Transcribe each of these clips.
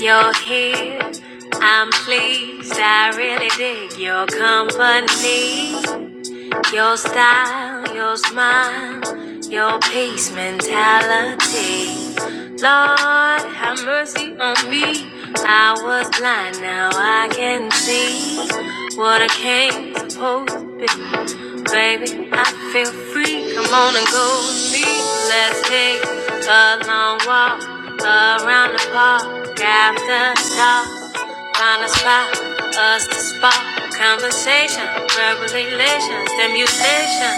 you're here. I'm pleased, I really dig your company. Your style, your smile, your peace mentality. Lord, have mercy on me. I was blind, now I can see what I came supposed to be. Baby, I feel free. Come on and go with me. Let's take a long walk around the park after dark. Find a spot for us to spark conversation, verbal relations, stimulation,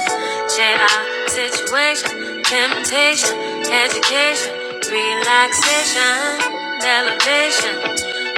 share our situation, temptation, education, relaxation, elevation.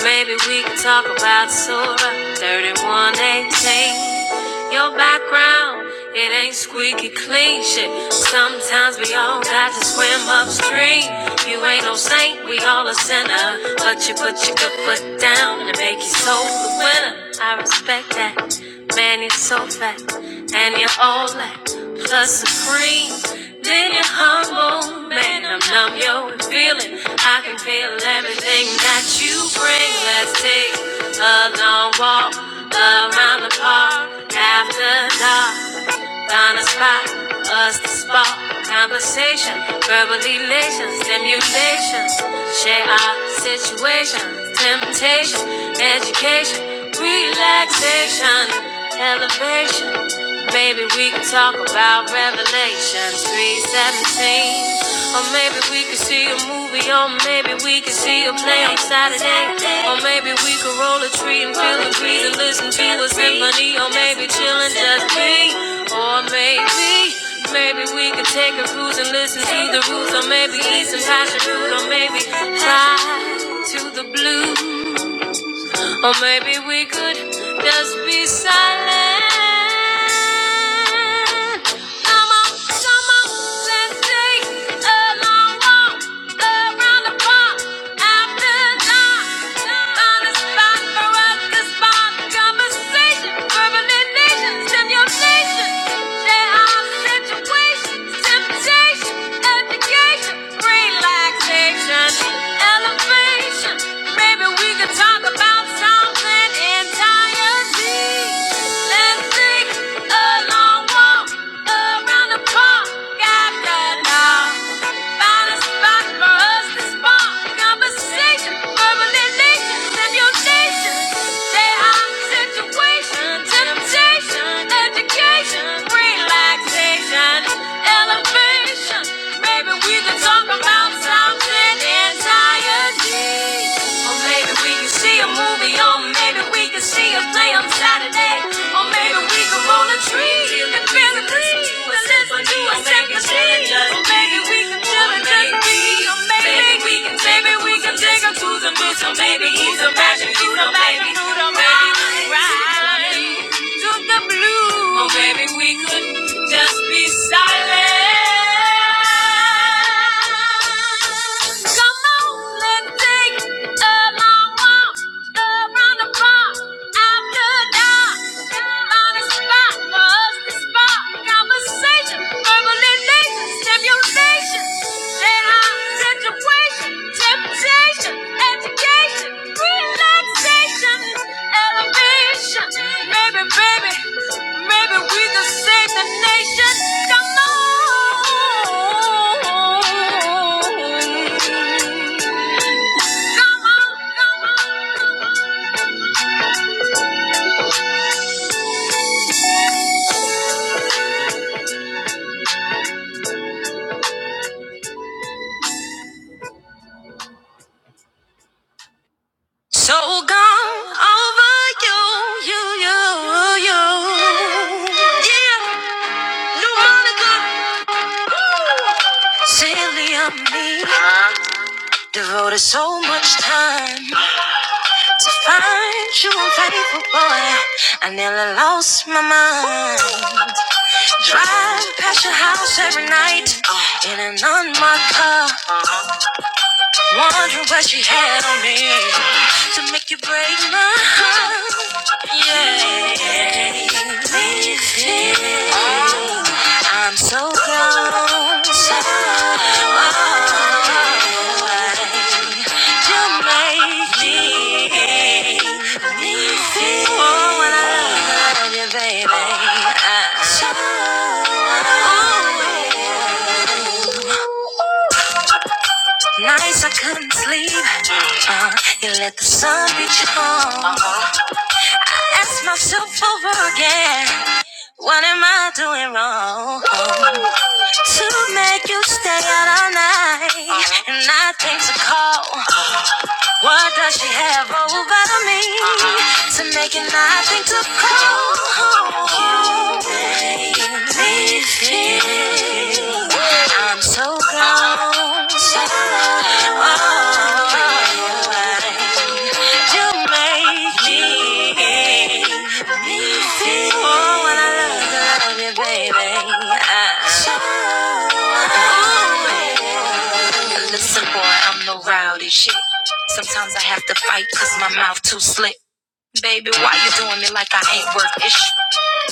Maybe we can talk about Surah 3118. Your background, it ain't squeaky clean shit. Sometimes we all got to swim upstream. You ain't no saint, we all a sinner. But you put your good foot down and make your soul the winner. I respect that. Man, you're so fat. And you're all that. Plus supreme. Then you're humble, man. I'm numb, yo, and feeling. I can feel everything that you bring. Let's take a long walk. Around the park, after dark, find a spot, us to spark. Conversation, verbal elation, stimulations. Share our situation, temptation, education, relaxation, elevation. Baby, we can talk about Revelations 317. or maybe maybe we could see a movie, or maybe we could see a play on Saturday. Or maybe we could roll a tree and feel the breeze and listen to a symphony, or maybe chillin' just me. Or maybe, maybe we could take a cruise and listen to the roots, or maybe eat some passion fruit, or maybe fly to the blue. Or maybe we could just be silent. Come on, come on, let's take a long walk around the park after dark. Find a spot for us to spark a conversation. Verbal nation, simulation. There are situations, temptation, education, relaxation, elevation. Maybe we could talk about something entirely. Let's take a long walk around the park after now. Find a spot for us to spark conversation, verbal relations, and your temptation. Education, education, relaxation, elevation. Maybe we can talk about something entirely. Or maybe we can see a movie, or maybe we can see a play on Saturday. Or maybe we can roll a tree. And visit the listen to a symphony, or make a second change. Or maybe we can do it just be. Maybe we can take we can take him to the moon. So maybe he's a magic noodle, baby, noodle, baby, right to the blue. Oh, baby, we could just be silent. Come on, let's take a long walk around the block after dark. Find a spot for us spark conversation, verbalization, stimulation, let out situation, temptation, education, relaxation, elevation. Maybe, baby, maybe we can save the nation. Come on. Come on, come on. So gone over you, you, you, you. Yeah, new Monica, silly of me. Devoted so much time to find you a faithful boy. I nearly lost my mind. Drive past your house every night in an unmarked car, wondering what she had on me to make you break my heart. Yeah, leave it. I'm so proud to making me feel oh, when I love you, baby. Uh, nights I couldn't sleep. Uh, you let the sun reach home. Ask myself over again. What am I doing wrong? To make you stay out all night. And I think to call. What does she have over me to make it nothing to call home? You make me feel I'm so gone. Oh, you make me feel. Oh, when I love, love you, baby. I'm Listen, boy, I'm no rowdy shit. Sometimes I have to fight cause my mouth too slick. Baby, why you doing me like I ain't worth it?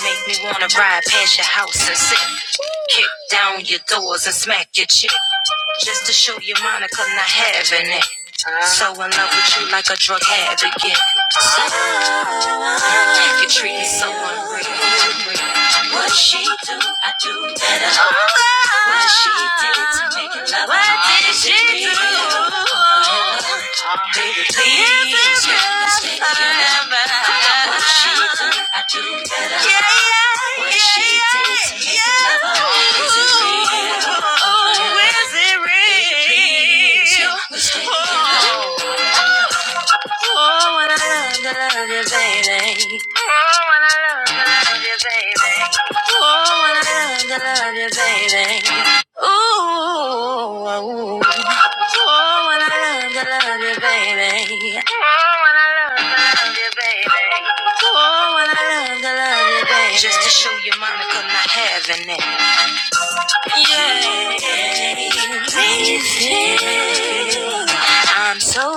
Make me wanna ride past your house and sit. Kick down your doors and smack your chick. Just to show you Monica not having it. So in love with you like a drug addict. yeah. You treat me so unreal. What she do, I do better. What she did to make you love her. What did she do? Baby, please, let's make What she do, I do better. Yeah, yeah, what she yeah, did to make you love her. Is it real? Oh, is it real? Baby, please, let's make Oh, when I love, you, love you, baby. Oh, when I love, you, love you, baby. Oh, when I love, you, love you, baby. Ooh, oh, when I love, you, love you, baby. Oh, when I love, you, love you, baby. Oh, when I love, you, love you, baby. Just to show you, Monica not having it me feel I'm so gone.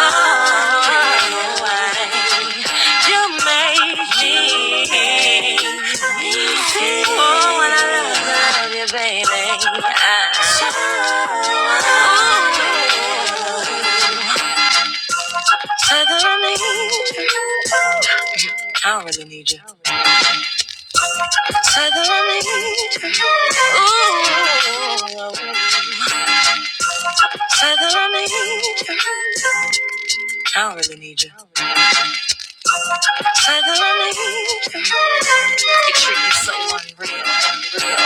Oh, you make me feel? Oh, when I love you, baby. I- Say that I need you. I don't really need you. Say that I need you. Ooh. Father, I need you. I don't really need you. Father, I need you. You treat me so unreal. unreal.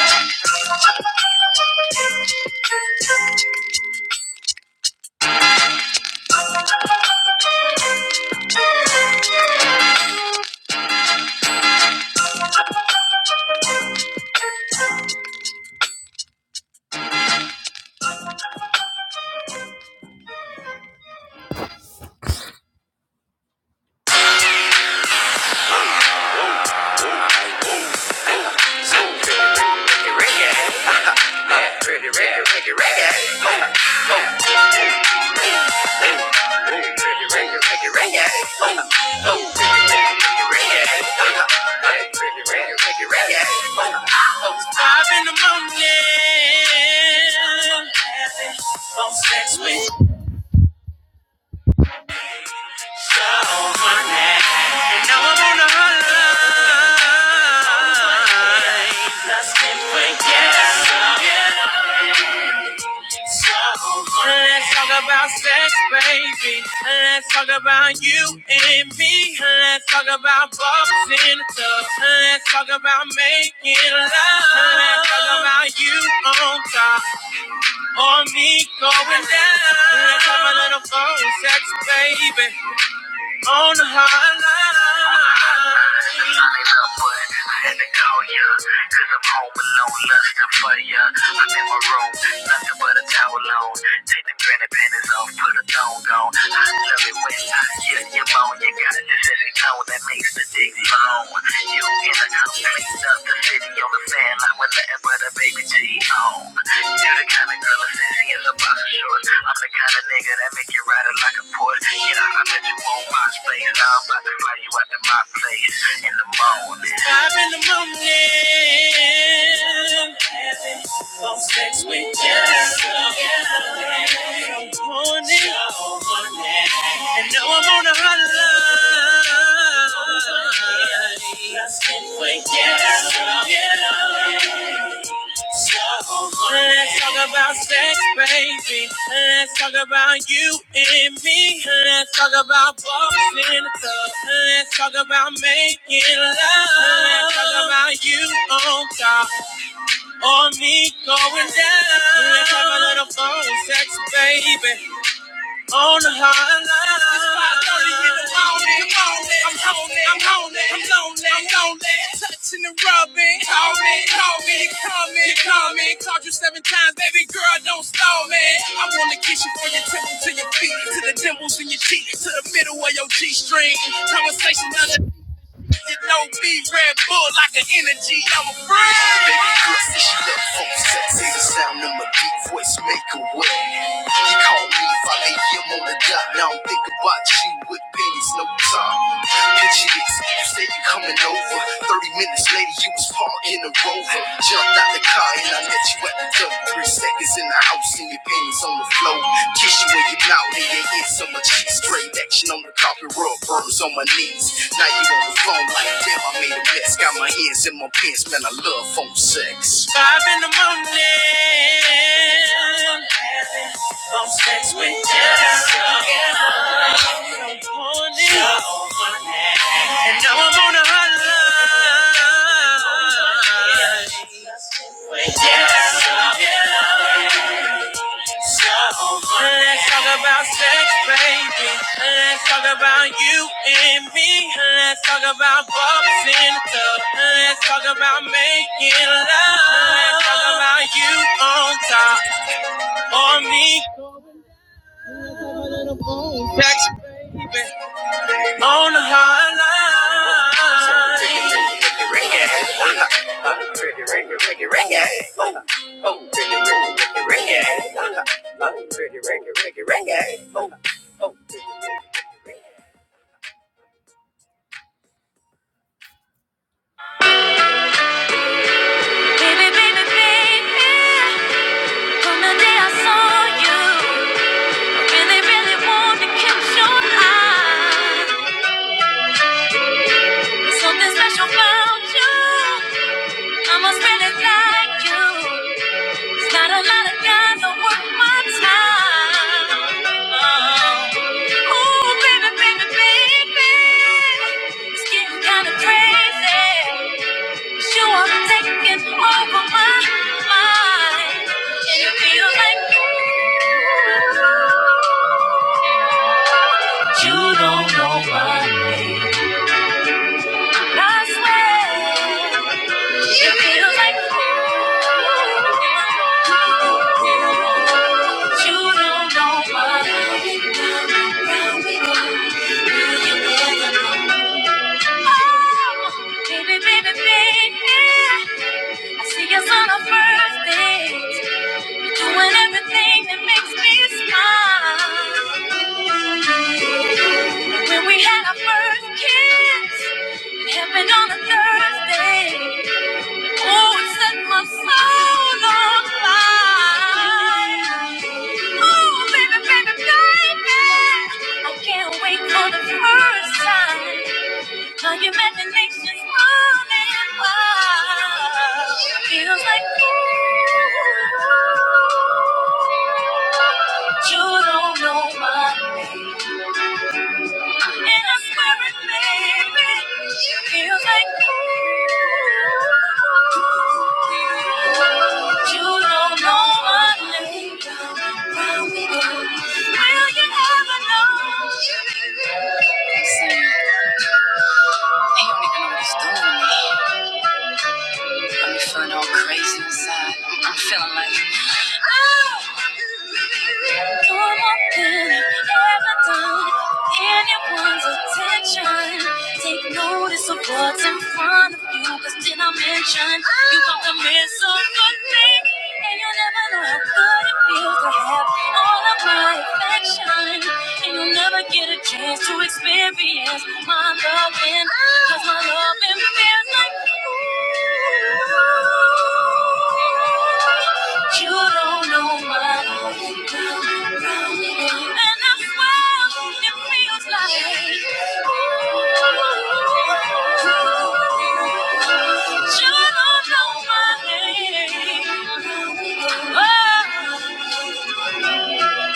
Pretty reggae, reggae, reggae. Reggae, reggae, reggae. Pretty reggae, reggae, reggae. Five in the morning. Having phone sex with you. Wanna know I'm on a hunt. Let's talk about sex, baby. Let's talk about you and me. Let's talk about bumps in the tub. Let's talk about making love. Let's talk about you on top or me going down. Let's have a little phone sex, baby, on the hotline. put a towel on. Take them granny panties off, put a thong on. I love it when I hear your moan. You got this sexy tone that makes the dick long. You in a complete up the city on the fan line with nothing but a baby T on. You the kind of girl short. I'm the kind of nigga that make you ride it like a port. Yeah, I bet you won't my space. Now I'm about to fly you out to my place in the morning. Five in the morning. Having some sex with just a morning. And now I'm on a hotline. Let's get together. Let's talk about sex, baby. Let's talk about you and me. Let's talk about balls in the tub. Let's talk about making love. Let's talk about you on top or me going down. Let's have a little phone sex, baby on the high line. It's 5:30 in the morning. Come on, I'm home, I'm home, I'm lonely, I'm lonely. Touching and rubbing, call me, call me, you coming, you coming. Called you seven times, baby girl, don't stall me. I wanna kiss you from your temple to your feet, to the dimples in your cheek, to the middle of your G-string. Conversation under you know me, Red Bull like an energy, I'm a friend. Baby, Chris, take a me If I lay him on the dot, now I'm thinking about you with pennies, no time. Bitch, it is. You say you coming over. 30 minutes later, you was parking a rover. Jumped out the car and I met you at the door. Three seconds in the house and your panties on the floor. Kiss you in your mouth and your hips on my cheek. Straight action on the carpet, rub burns on my knees. Now you on the phone like, damn, I made a mess. Got my hands in my pants, man, I love phone sex. Five in the morning. Phone sex with Jessica. Morning. And now I'm on a hotline. Let's talk about sex, baby. Let's talk about you and me. Let's talk about bumps in the tub. Let's talk about making love. Let's talk about you on top or me on the hotline. Oh, pretty, pretty, reggae. Oh, pretty, pretty, pretty, reggae. Oh, oh. Baby, baby, baby, from the day I saw you, I really, really want to catch your eye. There's something special about you. I must really like you. It's not a lot of guys that worth my time. Oh, ooh, baby, baby, baby, it's getting kinda crazy. You are taking over my mind. And it feels like you don't know my name. I swear, it feels like you don't know my name. Oh, baby, baby, baby. I see us on our first date. Doing everything that makes me smile. When we had our first kiss, it happened on a Thursday. Oh, it set my soul on fire. Oh, baby, baby, baby, I can't wait for the first time. My imagination's running wild. Feels like ooh, you don't know my name. In the spirit, baby, feels like ooh. You don't know my name, round we go. Will you ever know? Normal could ever done anyone's attention. Take notice of what's in front of you, cause did I mention you got the miss of good thing? And you never know how good it feels to have all of my affection, and you'll never get a chance to experience my loving, cause my loving feels like ooh, you don't know my loving, and I swear it feels like ooh, you don't know my name. Oh,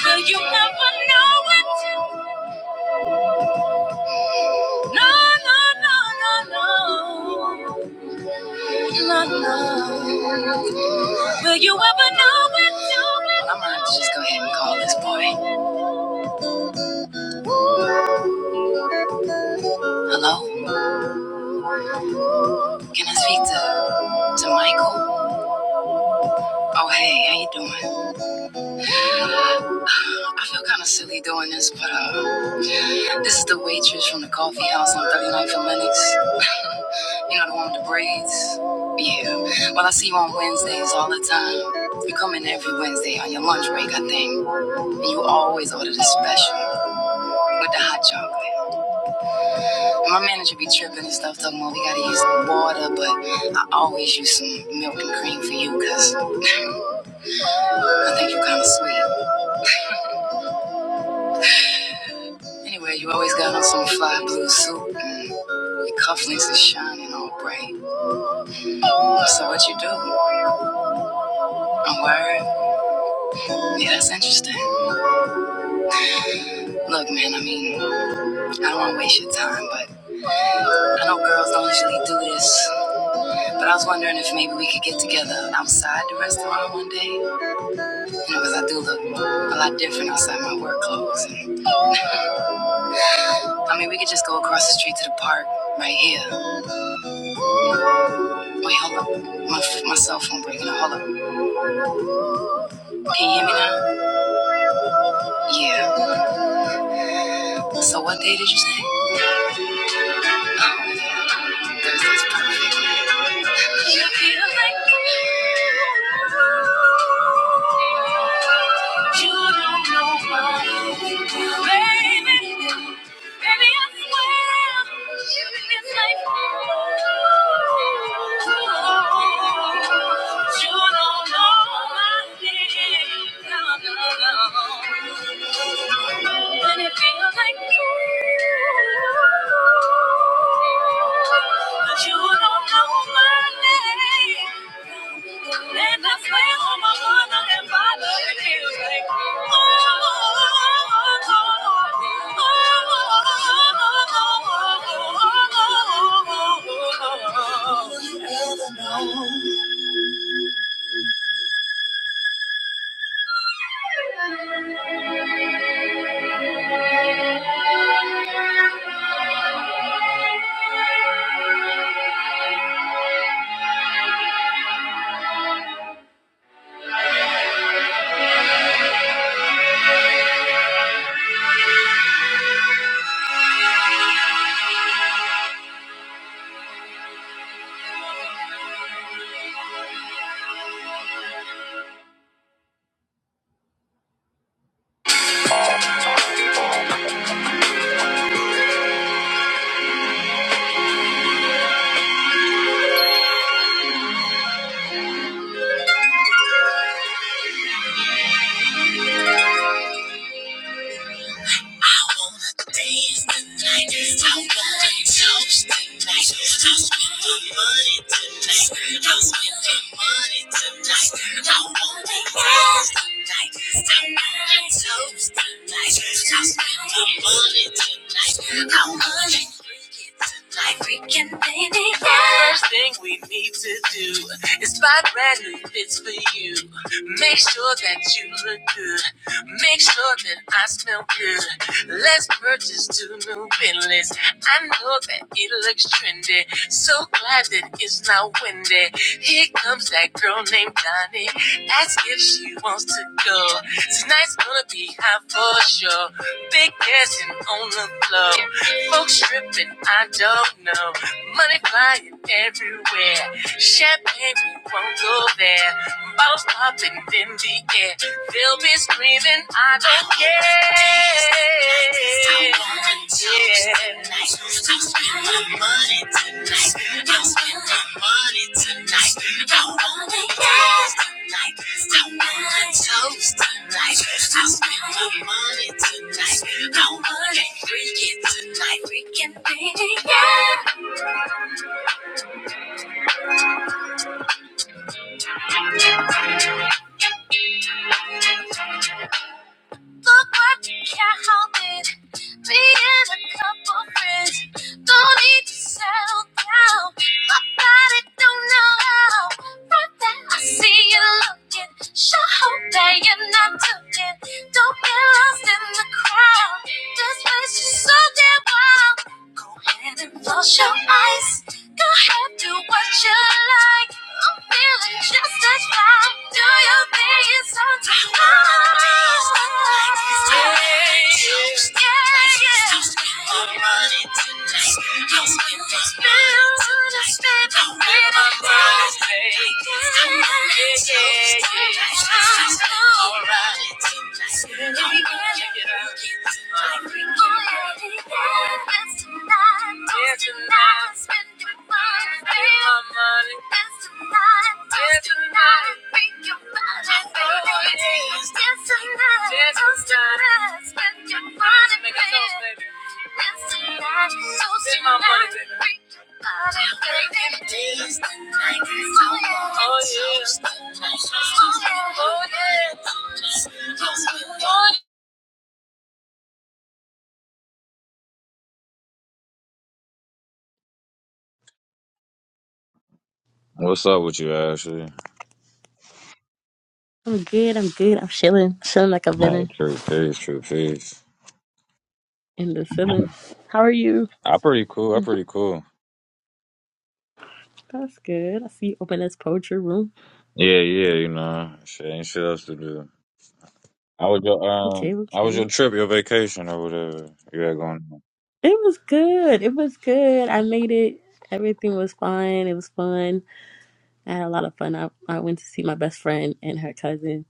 Will you ever know it? No, no, no, no, no, no, no. Will you ever know it? I'm gonna just go. ahead. Hello, can I speak to to Michael? Oh, hey, how you doing? I feel kind of silly doing this, but uh, this is the waitress from the coffee house on Thirty Ninth and Lenox. you know the one with the braids. Yeah. Well, I see you on Wednesdays all the time. You come in every Wednesday on your lunch break, I think. And you always order the special. with the hot chocolate. My manager be tripping and stuff, talking about we gotta use water, but I always use some milk and cream for you, cause I think you're kinda sweet. Anyway, you always got on some fly blue suit and your cufflinks is shining all bright. So what you do? A word? Yeah, that's interesting. Look, man, I mean, I don't wanna waste your time, but I know girls don't usually do this, but I was wondering if maybe we could get together outside the restaurant one day. Because I do look a lot different outside my work clothes. And, I mean, we could just go across the street to the park right here. Wait, hold up. My, my cell phone breaking Hold up. Can you hear me now? Yeah. like you don't know why, baby. Baby, I swear, it's like you don't know my name. No, no, no. it feels like you. But you don't know my name. And I swear on my mother and father, it feels like. Oh, oh, oh, oh, oh, oh, oh, oh, oh, oh, oh, oh, oh, oh. First thing we need to do is buy brand new fits for you. Make sure that you look good. Make sure that I smell good. Let's purchase two new Bentleys. I know that it looks trendy. So glad that it's not windy. Here comes that girl named Donnie. Ask if she wants to go. Tonight's gonna be hot for sure. Big dancing on the floor. Folks stripping, I don't know. Money flying everywhere. Champagne, we won't go there. Bottles popping in the air. They'll be screaming, I don't care. Yeah. Like we can be together. Look what I did. Being a couple friends. Don't need to settle down. My body don't know how. Right there, I see you looking. Sure hope that you're not looking. Don't get lost in the crowd. This place is so damn wild. Go ahead and close your eyes. Go ahead, do what you like. I'm feeling just as fine. Do your thing, it's so tight. Alright. Oh yeah. Oh yeah. Oh yeah. I'm good. I'm good. I'm chilling. Chilling like a villain in, in the ceiling. How are you? That's good. I see you open this poetry room. Okay, okay. It was good. It was good. I made it. Everything was fine. It was fun. I had a lot of fun. I, I went to see my best friend and her cousin.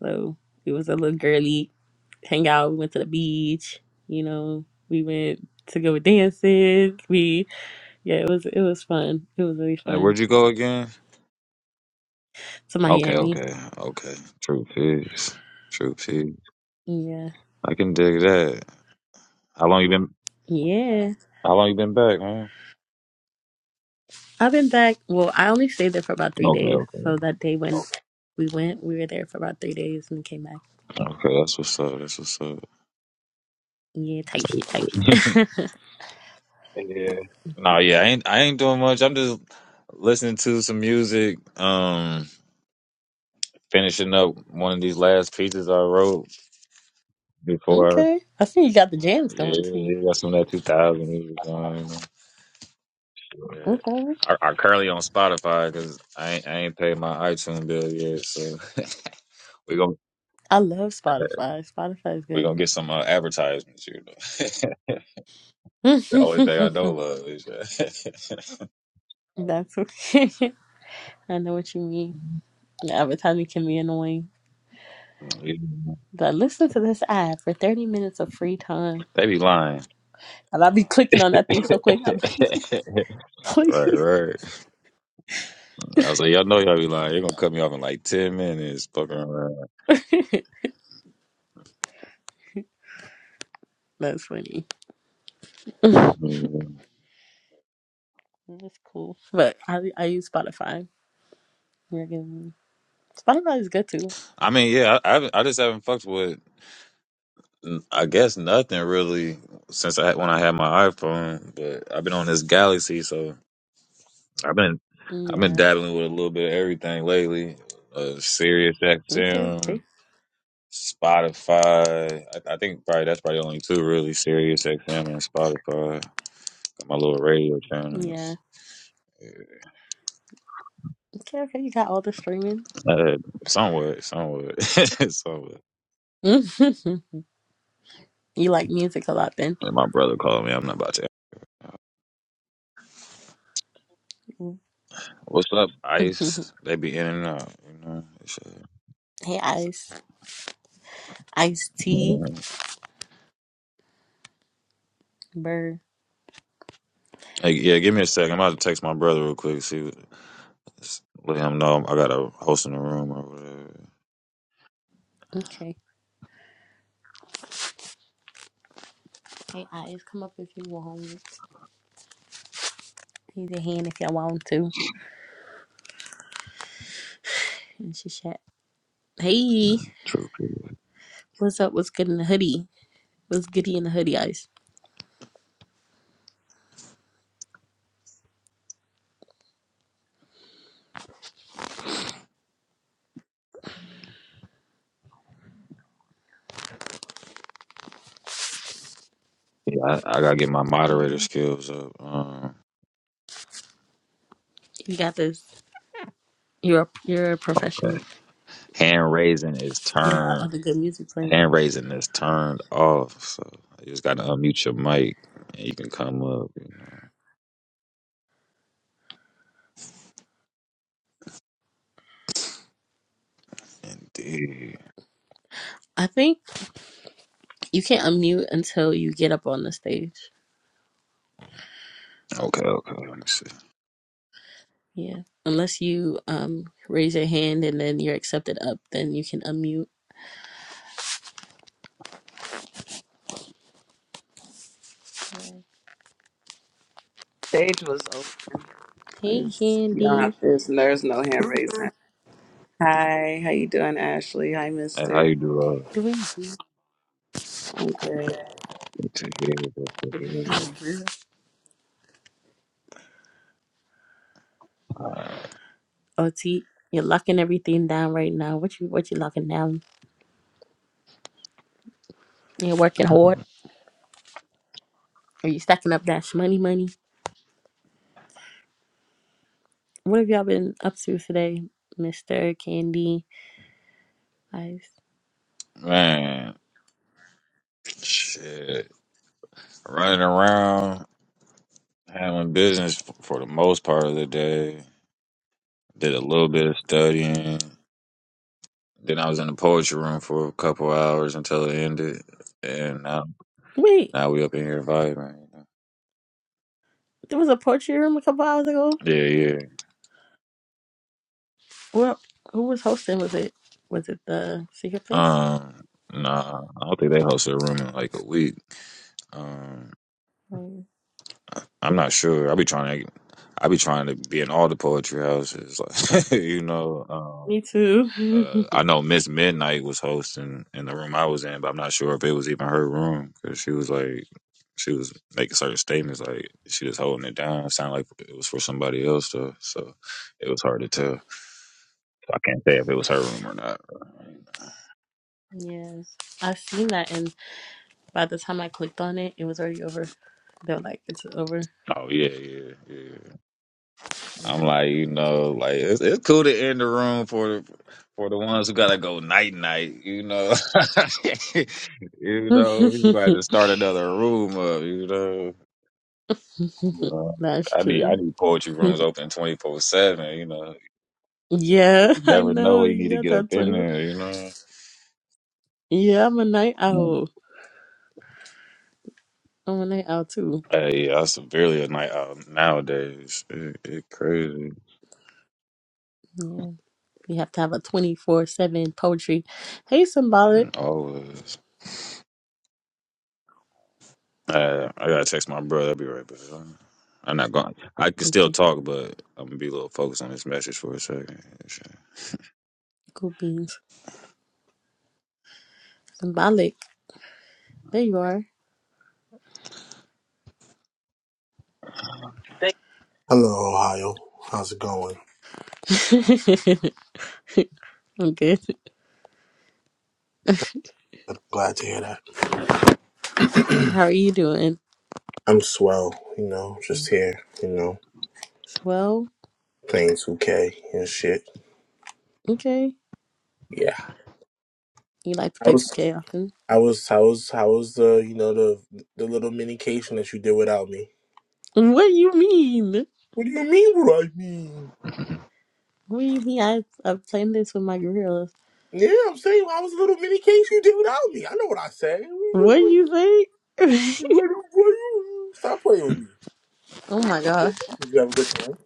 So it was a little girly hangout. We went to the beach. You know, we went to go dancing. We yeah, it was it was fun. It was really fun. To Miami. Yeah. Yeah. I've been back. Well, I only stayed there for about three days. So that day when Okay. we went, we were there for about three days and came back. Yeah, tight shit, tight shit. yeah. Okay. I see you got the jams going too. Okay. I love Spotify. Spotify is good. That's okay. I know what you mean. The advertising can be annoying. But listen to this ad for 30 minutes of free time. And I'll be clicking on that thing so quick. I'm like, please. That's funny. Mm, That's cool. But I I use Spotify. You're giving Spotify is good too. Yeah. Okay. Okay. Yeah. Okay. Okay. You got all the streaming. you like music a lot then. Mhm. hey Ice. Ice T. Bird. Okay. Hey Ice, come up if you want. Need a hand if y'all want to. And she chat. Hey. What's up? What's good in the hoodie? What's goody in the hoodie, Ice? Hey. You got this. You're a, you're a professional. You got all the good music playing. I think you can't unmute until you get up on the stage. Yeah. Unless you um raise your hand and then you're accepted up, then you can unmute. Stage was open. Hey It's, you don't Handy. have- there's, there's no hand raising. Hi, how you doing, Ashley? Hi, Mister. Doing good. I'm good. OT. You're locking everything down right now. What you what you locking down? You're working hard? Are you stacking up that money money? What have y'all been up to today, Mr. Candy? Ice. Can- Wait, there was a poetry room a couple hours ago? Well who was hosting was it? Was it the secret place? Oh, yeah. Me too. yes. I have seen that and by the time I clicked on it, it was already over. They were like, it's over. Yeah. That's true. yeah, I know. You got that 24. Yeah, I'm a night owl. I'm a night owl too. Yeah. You have to have a 24 7 poetry. Hey, symbolic. Okay, cool beans. Symbolic. There you are. Thank Hello, Ohio. How's it going? I'm good. I'm glad to hear that. How are you doing? I'm swell, you know, just here, you know, Swell. playing 2K and shit. Okay. Yeah. You like to I play was, 2K often? I was, How was, how was the, you know, the the little minication that you did without me? What do you mean? What do you mean? What I mean? What do you mean? I, I'm playing this with my girls. Yeah, I'm saying I was a little minication you did without me. I know what I said. What do you think? Stop playing with me. oh my gosh. Did you have a good time?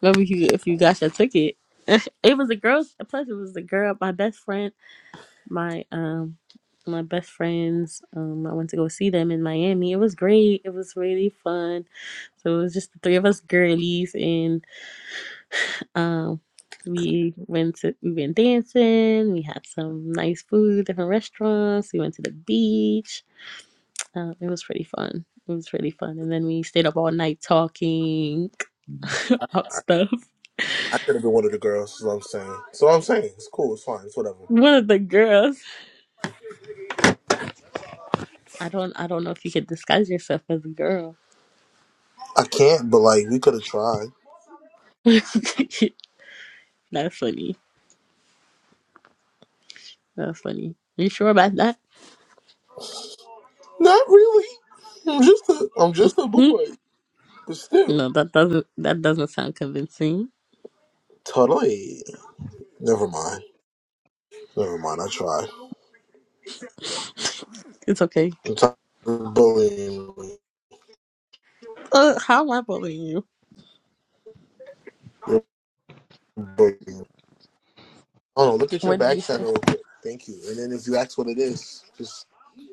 Remember if you, if you got your ticket? it. it was a girl. Plus, it was a girl. My best friend. My um, my best friends. Um, I went to go see them in Miami. It was great. It was really fun. So it was just the three of us girlies, and Um, we went to we went dancing. We had some nice food, different restaurants. We went to the beach. Uh, it was pretty fun. It was really fun. And then we stayed up all night talking about I, stuff. I could have been one of the girls. Is what I'm saying. So I'm saying it's cool. It's fine. It's whatever. One of the girls. I don't. I don't know if you could disguise yourself as a girl. I can't, but like we could have tried. That's funny. That's funny. You sure about that? Not really. I'm just a I'm just a Hmm? boy, but still. No, that doesn't. That doesn't sound convincing. Totally. Never mind. Never mind. I tried. it's okay. I'm tired of bullying. me. Uh, how am I bullying you? You're bullying. me. Oh, look at your What did back you say? channel real quick. Thank you. And then if you ask what it is, just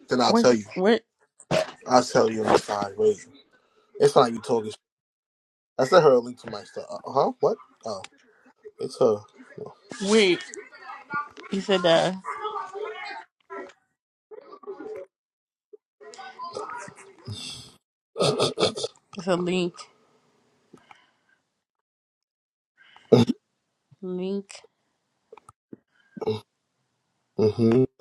then I'll What? tell you. What? I'll tell you on the side. Wait, it's not like you told us. I sent her a link to my stuff. Uh, huh? What? Oh, it's her. Wait. You said uh, it's a link. Link. Mm-hmm.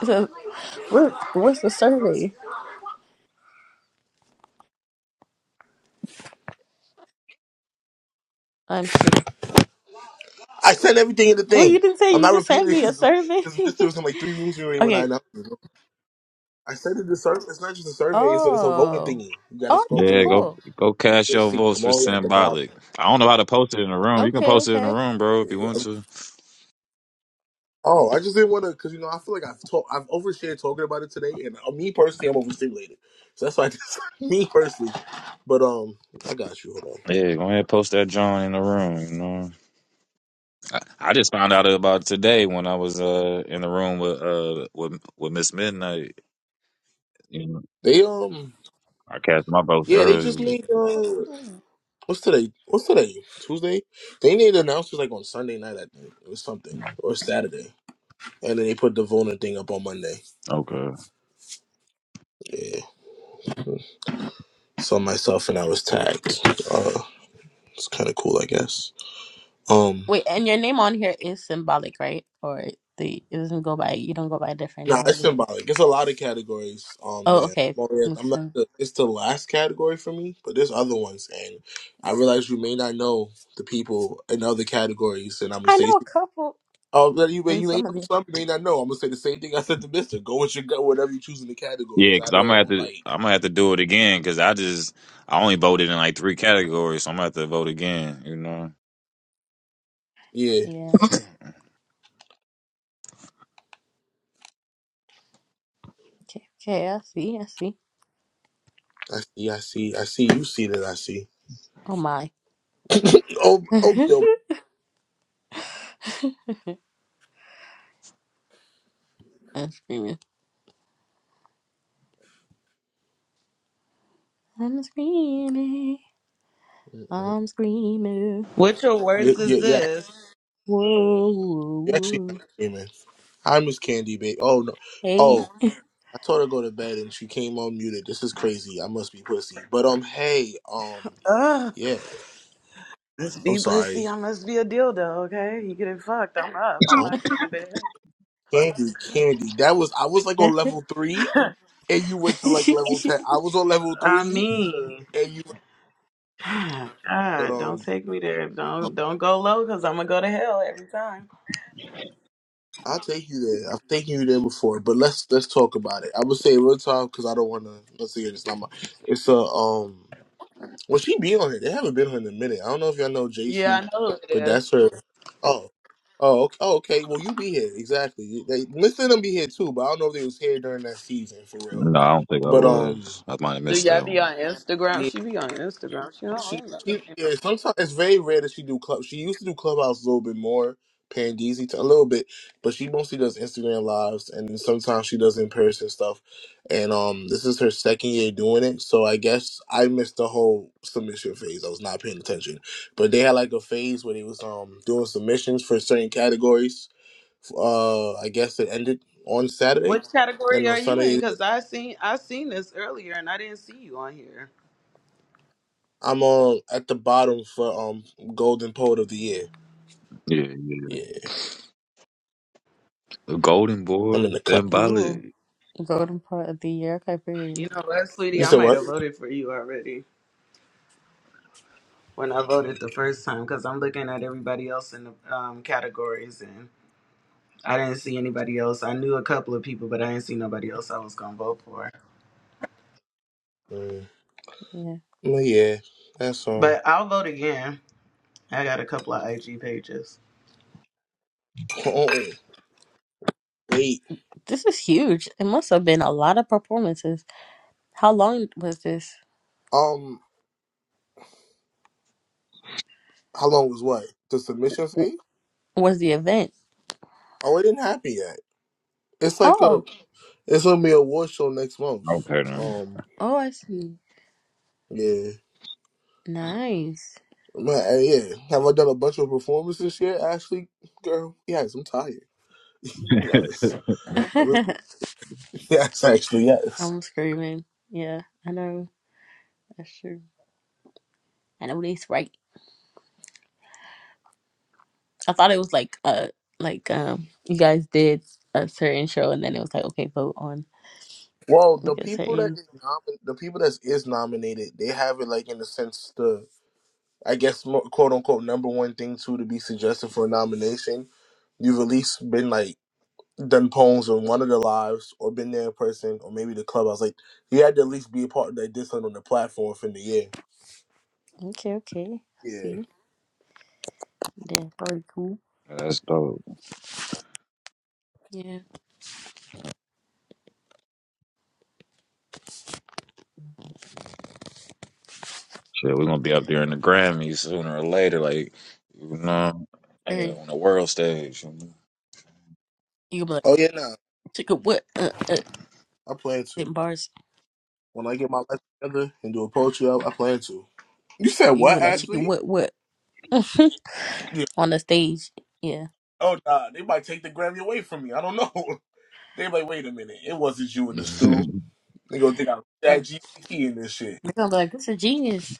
It's a what? What's the survey? I'm Unsure. I said everything in the Well, you thing. didn't say. I'm You not just sent repeating it me a survey. because this was in like three rooms already when I okay. announced it. I said in the survey, it's not just a survey, it's a, it's a voting Oh. thingy. You got to Oh, scroll that's through and look. cool. You can see. I'm already at the bottom. Okay. Okay. Yeah. Oh, I just didn't want to, because you know, I feel like I've talked, I've overshared talking about it today, and uh, me personally, I'm overstimulated. So that's why I just, me personally. But, um, I got you. Hold on. They, um, yeah, they just made, uh, what's today? What's today? Tuesday? They made announcements like on Sunday night, I think. It was something, or Saturday. And then they put the Vona thing up on Monday. Yeah. So myself and I was tagged. Uh, it's kind of cool, I guess. Um, Wait, and your name on here is symbolic, right? Or the it doesn't go by. You don't go by a different nah, name on it's this. one. symbolic. It's a lot of categories. Um, Oh, there. okay. Well, yeah, I'm Makes not. sense. The, it's the last category for me, but there's other ones, and I realize you may not know the people in other categories, and I'm gonna I say. know a couple Oh, but you may in you may know some of the. some, you may not know. I'm gonna say the same thing I said to Mister. Go with your gut, whatever you choose in the categories. I don't like. Yeah, Yeah. Okay. Okay. I see. I see. I see, I see, I see. You see that I see. Oh my. oh, oh, I'm screaming. I'm screaming. Mm-mm. I'm screaming. What your You, words you, is yeah, this? Whoa, you're whoa, actually not whoa. screaming. Hi, Miss Candy Babe. Oh no. Hey. Oh, I told her to go to bed and she came on muted. This is crazy. I must be pussy. But um, hey, um, Ugh, yeah. must I'm be sorry. pussy. I must be a dildo. Okay, you getting fucked? I'm up. I'm Um, not going to bed. Candy, Candy. That was I was like on level three, and you went to like level ten. I was on level I three, mean, and you. But God, don't um, take me there. um, Don't don't go low, cause I'm gonna go to hell every time. I'll take you there. I've taken you there before. But let's let's talk about it. I would say real talk because I don't want to. Let's see. It's not my. It's a um. Well, she be on it. They haven't been on it in a minute. I don't know if y'all know Yeah, I JC, know who it but is. that's her. Oh, oh, okay. Oh, okay. Well, you be here exactly. They, Mr. them be here too, but I don't know if they was here during that season for real. But um, Do y'all be on Instagram? She be on Instagram. She she, don't. she yeah. Sometimes it's very rare that she do club. She used to do clubhouse a little bit more, Pandeezy to a little bit, but she mostly does Instagram lives, and then sometimes she does in person stuff. And um, this is her second year doing it, so I guess I missed the whole submission phase. I was not paying attention, but they had like a phase where they was um doing submissions for certain categories. Uh, I guess it ended on Saturday, Which and category on are you in? Sunday Because I seen I seen this earlier and I didn't see you on here. I'm on at the bottom for um Golden Poet of the Year. Yeah, I'm in the cut. Ooh, golden part of the year criteria. You know what, sweetie? You I said might what? have voted for you already when I voted the first time because I'm looking at everybody else in the um, categories and I didn't see anybody else. I knew a couple of people, but I didn't see nobody else I was gonna vote for. Mm. Yeah, Well, yeah, that's um. But I'll vote again. I got a couple of IG pages. Oh, wait. this is huge. It must have been a lot of performances. How long was this? Um, how long was what? The submission w- thing? Was the event? Oh, it didn't happen yet. It's like a. Oh, It's gonna be a award show next month. Um, oh, I see. yeah. Nice. Man, uh, yeah. Have I done a bunch of performances yet, Ashley? Girl, yes. I'm tired. Yes, I really. Yes, actually, yes. I'm screaming. Yeah, I know. That's true. I know this, right? I thought it was like uh like um you guys did a certain show and then it was like okay vote on Well, the like a people that certain is nomin- the people that is nominated, they have it like in the sense I guess mo- quote unquote number one thing too to be suggested for a nomination. You've at least been like done poems on one of the lives or been there in person or maybe the club. I was like, you had to at least be a part of that discipline on the platform for the year. okay okay I Yeah. see yeah probably cool yeah it's very you gonna be like Oh yeah, nah. chicken what uh uh I plan to. in bars When I get my life together and do a poetry up, I plan to. You said you gonna what, be like chicken Ashley? what what Yeah. on the stage yeah Oh nah, they might take the Grammy away from me. I don't know. They like, wait a minute, it wasn't you in the stew. They gonna think I'm Yeah. that GPT in this shit. they're gonna be like this is genius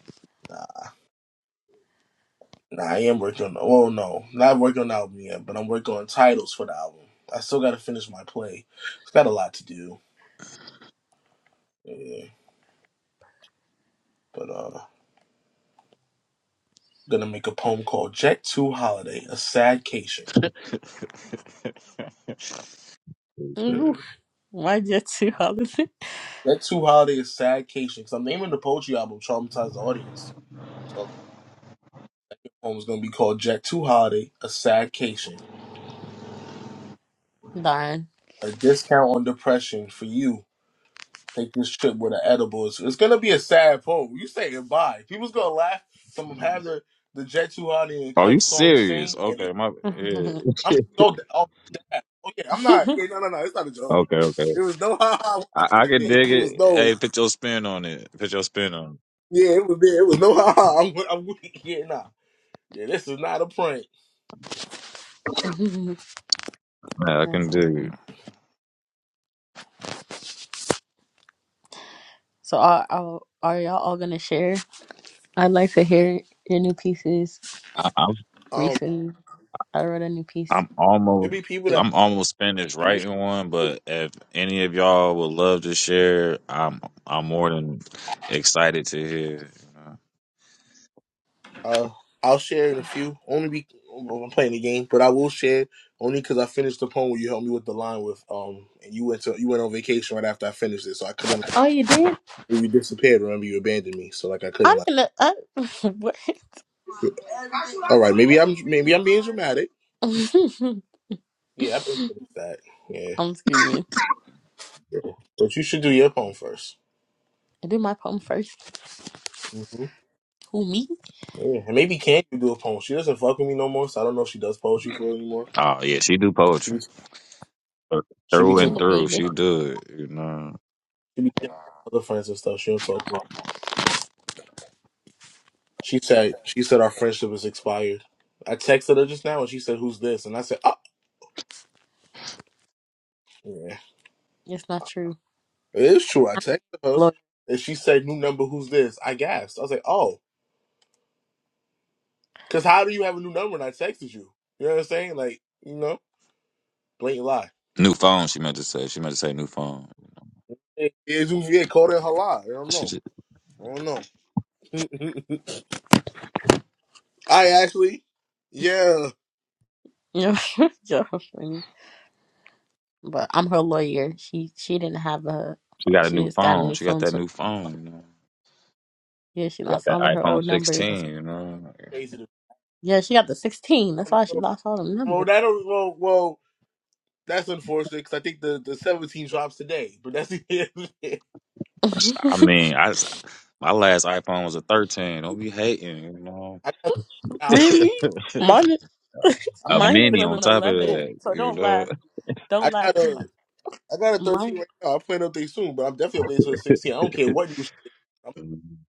Nah. Nah, I am working on. Well, no, not working on the album yet, but I'm working on titles for the album. I still got to finish my play. It's got a lot to do. Yeah, but uh, gonna make a poem called "Jet Two Holiday: A Sadcation." Ooh, why just two holiday Jet Two Holiday is sadcation because I'm naming the poetry album "Traumatize the Audience." So the poem's gonna be called "Jet Two Holiday: A Sadcation." darn A discount on depression for you Take this trip with an edible. It's, it's gonna be a sad poem. You say goodbye. People's gonna laugh. Some of them have the the Jet Tuhani and Cut song sing, and it- that's I'm so da- oh, dad. Oh yeah, I'm not. Yeah, no, no, no. It's not a joke. It was no ha ha. when I said It It was no. Yeah, it was yeah, It was no ha ha. I'm, I'm weak. yeah, nah. Yeah, this is not a prank. funny so are, are are y'all all gonna share I'd like to hear your new pieces Um, recently. I wrote a new piece it be people too. that you. Uh, I'll share in a few. Only be I'm playing the game, but I will share only because I finished the poem where you helped me with the line with um, and you went to you went on vacation right after I finished it, so I couldn't. Like, Oh, you did? you disappeared. Remember, you abandoned me, so like I I'm couldn't. Like, gonna. I, what? all right, maybe I'm maybe I'm being dramatic. Yeah, I've been finished that. Yeah, I'm screaming. but you should do your poem 1st I did my poem first. hmm Who me? Yeah, and maybe can you do a poem? She doesn't fuck with me no more, so I don't know if she does poetry for real anymore. She be she be Me too And the baby. she be with other friends and stuff. She don't talk. to me. She said she said our friendship is expired. I texted her just now and she said, Who's this? And I said, Oh yeah. It's not true. It is true. I I'm texted a her lawyer. and she said, New number, who's this? I gasped. I was like, Oh, because how do you have a new number and I texted you? You know what I'm saying? Like, you know, blatant lie. It is who yeah, called it her lie. I don't know. I don't know. I actually yeah. You're, you're funny. But I'm her lawyer. She she didn't have a. She just got a new phone, so yeah, she lost all of her old It's numbers. That's, crazy to yeah, she got the 16. That's I don't why she know. lost all the Well numbers. that don't well well that's unfortunate because I think the, the 17 drops today, but that's the I got I was really? And it's, I'm Mine is definitely playing eleven update soon. eleven, so don't laugh. Don't I laugh got too a much. I got a 13 Mine, right now. I'm playing update soon, but I'm definitely updating to the 16. I don't care what new shit. they- I'm,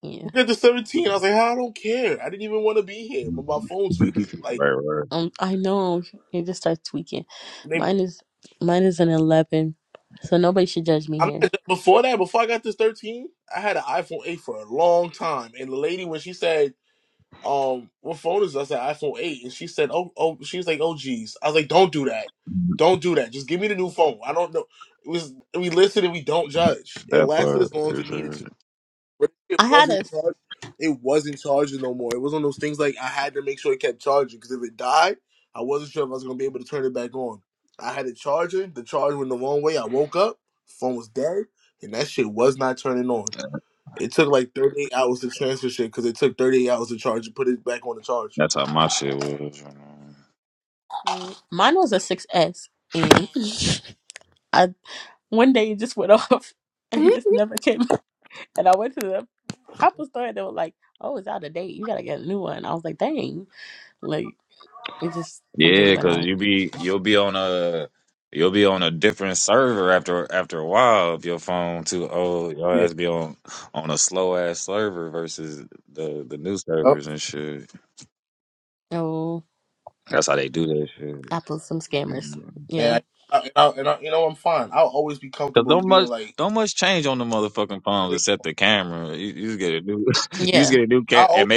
yeah. we got the 17. I was like, I don't care. I didn't even want to be here. But my phone's tweaking. Like Um, I know you just start tweaking. they, Mine is mine is an eleven, so nobody should judge me I'm here. not before that. Before I got this 13, I had an iPhone 8 for a long time. And the lady when she said, um, what phone is this? I said iPhone 8, and she said, oh, oh, she's like, oh, geez. I was like, don't do that. Don't do that. Just give me the new phone. I don't know. It was we listen and we don't judge. It lasted as long as it needed to. But it I had a wasn't s- charged. It wasn't charging no more. It was one of those things like I had to make sure it kept charging because if it died, I wasn't sure if I was gonna be able to turn it back on. I had a charger. The charger went the wrong way. I woke up, phone was dead, and that shit was not turning on. It took like 38 hours to transfer shit because it took 38 hours to charge and put it back on the charge. really- mine was a six S, and I one day it just went off and just never came. back. And I went to the Apple store and they were like, "Oh, it's out of date. You gotta get a new one." I was like, "Dang!" Like it just completely went out. Yeah. Yep. Oh, Apple's some scammers. And Yeah, I, I, and, I, and I, you know, I'm fine. I'll always be comfortable being like, Yeah. I'll always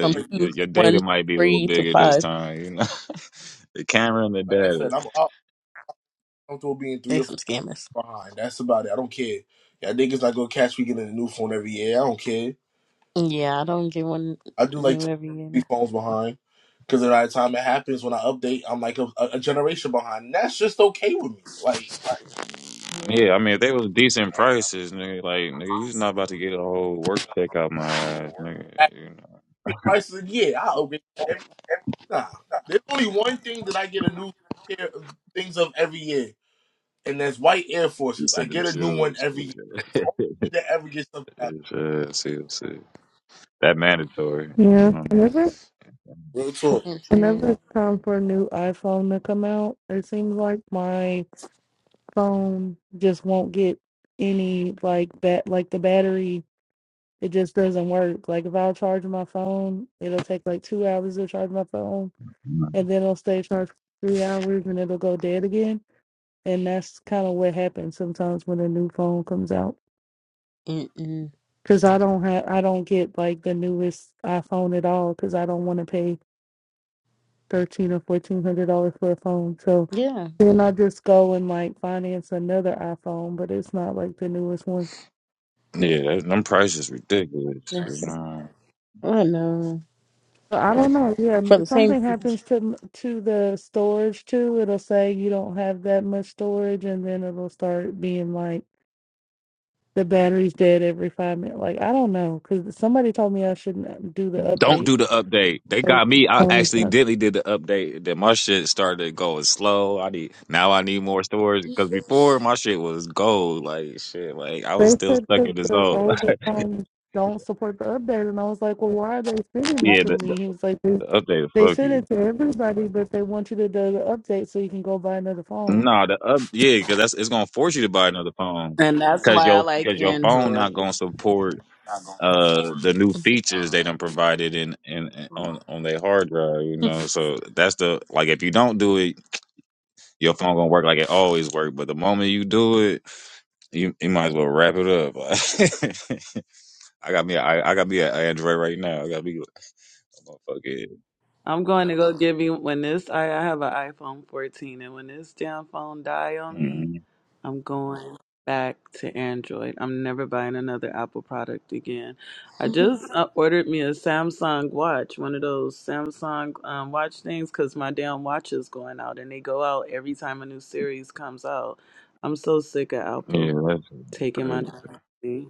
from like, two to one to three to five. like I said, I'm I'll be comfortable being three They or four. some scammers. Fine, that's about it. I don't care. Y'all niggas not gonna catch me getting a new phone every year. I don't care. Yeah, I don't get one I do like new to every year. be phones behind because by the time it happens when I update, I'm like a, a generation behind. And that's just okay with me. Like Yeah, at the price of the year, I upgrade every time. There's only one thing that I get a new pair of things of every year, and that's white Air Forces. I get a new one every year. That's the only thing that ever gets something out of Yeah, whenever me. Real talk. it's new. whenever it's time for a new iPhone to come out, it seems like my phone just won't get any like bat like the battery. It just doesn't work. Like if I'll charge my phone, it'll take like two hours to charge my phone, and then it'll stay charged for three hours, and it'll go dead again. And that's kind of what happens sometimes when a new phone comes out. Mm-mm. Cause I don't have I don't get like the newest iPhone at all. Cause I don't want to pay thirteen or fourteen hundred dollars for a phone. So Yeah, then I just go and like finance another iPhone, but it's not like the newest one. that's it. I know. But I don't know. Yeah, m- For the if same. something happens to to the storage too. It'll say you don't have that much storage, and then it'll start being like the battery's dead every five minutes. Like I don't know, because somebody told me I shouldn't do the update. But They said because the older phones don't support the update, and I was like, well, why are they sending it to me? He was like, they, they send it to everybody, but they want you to do the update so you can go buy another phone. And that's why I like Android. I'm going to go give me when this I, I have an iPhone 14 and when this damn phone die on me, I'm going back to Android. I'm never buying another Apple product again. I just uh, ordered me a Samsung watch, one of those Samsung um, watch things cuz my damn watch is going out and they go out every time a new series comes out. I'm so sick of Apple taking my damn money.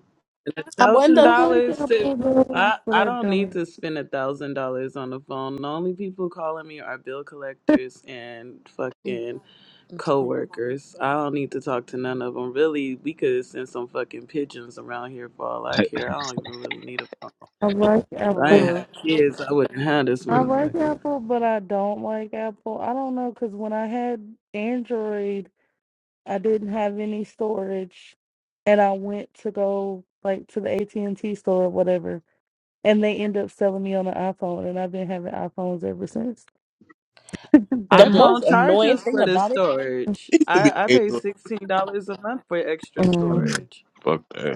A I thousand I wonder. like dollars to Apple though, I, but I I don't need don't. to spend a thousand dollars on the phone. The only people calling me are bill collectors and fucking Mm-mm. coworkers. I don't need to talk to none of them. Really, we could send some fucking pigeons around here for all I care. I don't even really need a phone. I like If For I ain't Apple. real. have kids. I wouldn't have this I like motherfucker. Apple, but I don't like Apple. I don't know because when I had Android, I didn't have any storage, and I went to go like to the AT and T store or whatever And they end up selling me on an iPhone, and I've been having iPhones ever since. The that day. most iPhone annoying charges thing for the about it, storage. I used to be an I I pay Android. sixteen dollars a month for extra Um, storage.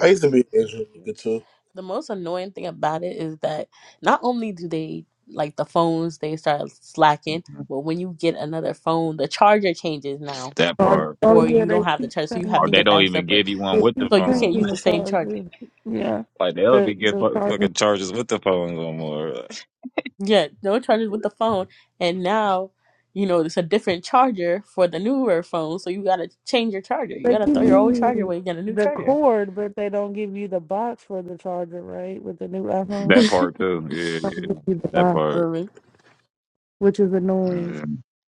I used to be an Android nigga too. the most annoying thing about it is that not only do they like the phones, they start slacking, but when you get another phone, the charger changes now. oh, or oh yeah, you don't they have the keep charger, so you have to changing. get that separate. They keep So you can't use changing the the same charger. charger. Yeah, Yeah. the the charger. Yeah, no chargers with the phone, and now you know it's a different charger for the newer phone. So you gotta change your charger. You They gotta give throw your old charger you away and get a new the charger. cord, but they don't give you the box for the charger. Right with the new iPhone, they don't give you the box, Irvin, which is annoying.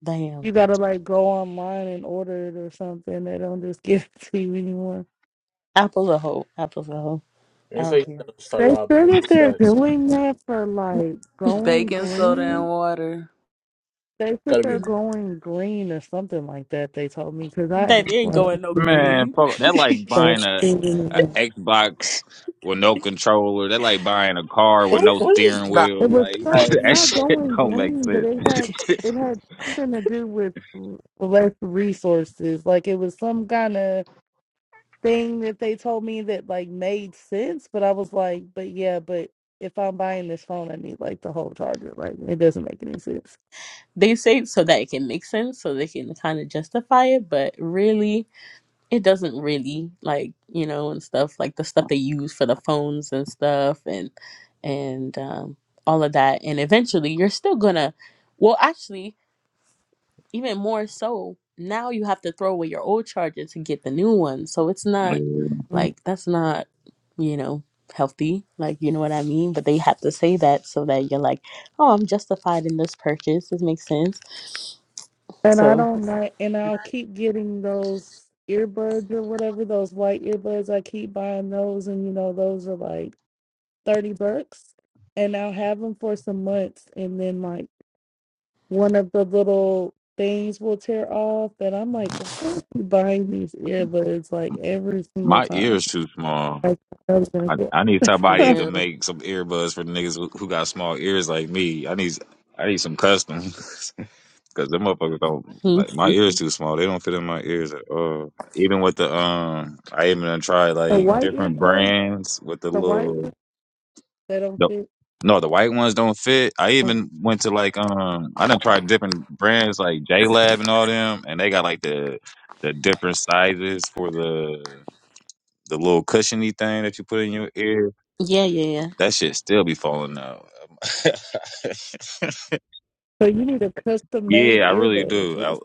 damn, You gotta like go online and order it or something. They don't just give it to you anymore. Apple's a hoe. Apple's a hoe. I It's like don't you care. gotta start They robbing said that niggas. they're Facts. doing that for like going Baking soda and green water. They said Gotta be. they're going green or something like that. They told me because I asked That they ain't why going no they didn't green. start changing the A- nah, It was something not going green, but it had it had something to do with l- less resources. Like it was some kind of thing that they told me that like made sense. But I was like, but yeah, but if I'm buying this phone, I need like the whole charger. Like it doesn't make any sense. they say it so that it can make sense, so they can kind of justify it, but really. it doesn't really like you know and stuff like the stuff they use for the phones and stuff and and um, all of that and eventually you're still gonna well actually even more so now you have to throw away your old charger to get the new one so it's not like that's not you know healthy like you know what i mean but they have to say that so that you're like oh i'm justified in this purchase this makes sense And I so don't like, and I'll keep getting those earbuds or whatever, those white earbuds. I keep buying those, and you know, those are like 30 bucks. And I'll have them for some months, and then like one of the little things will tear off. And I'm like, why are you buying these earbuds like every single time? Like, I was gonna get for real Mhm. the white earbuds, the white ones that don't fit. yeah yeah yeah So you need a custom made earbud. That's what it's.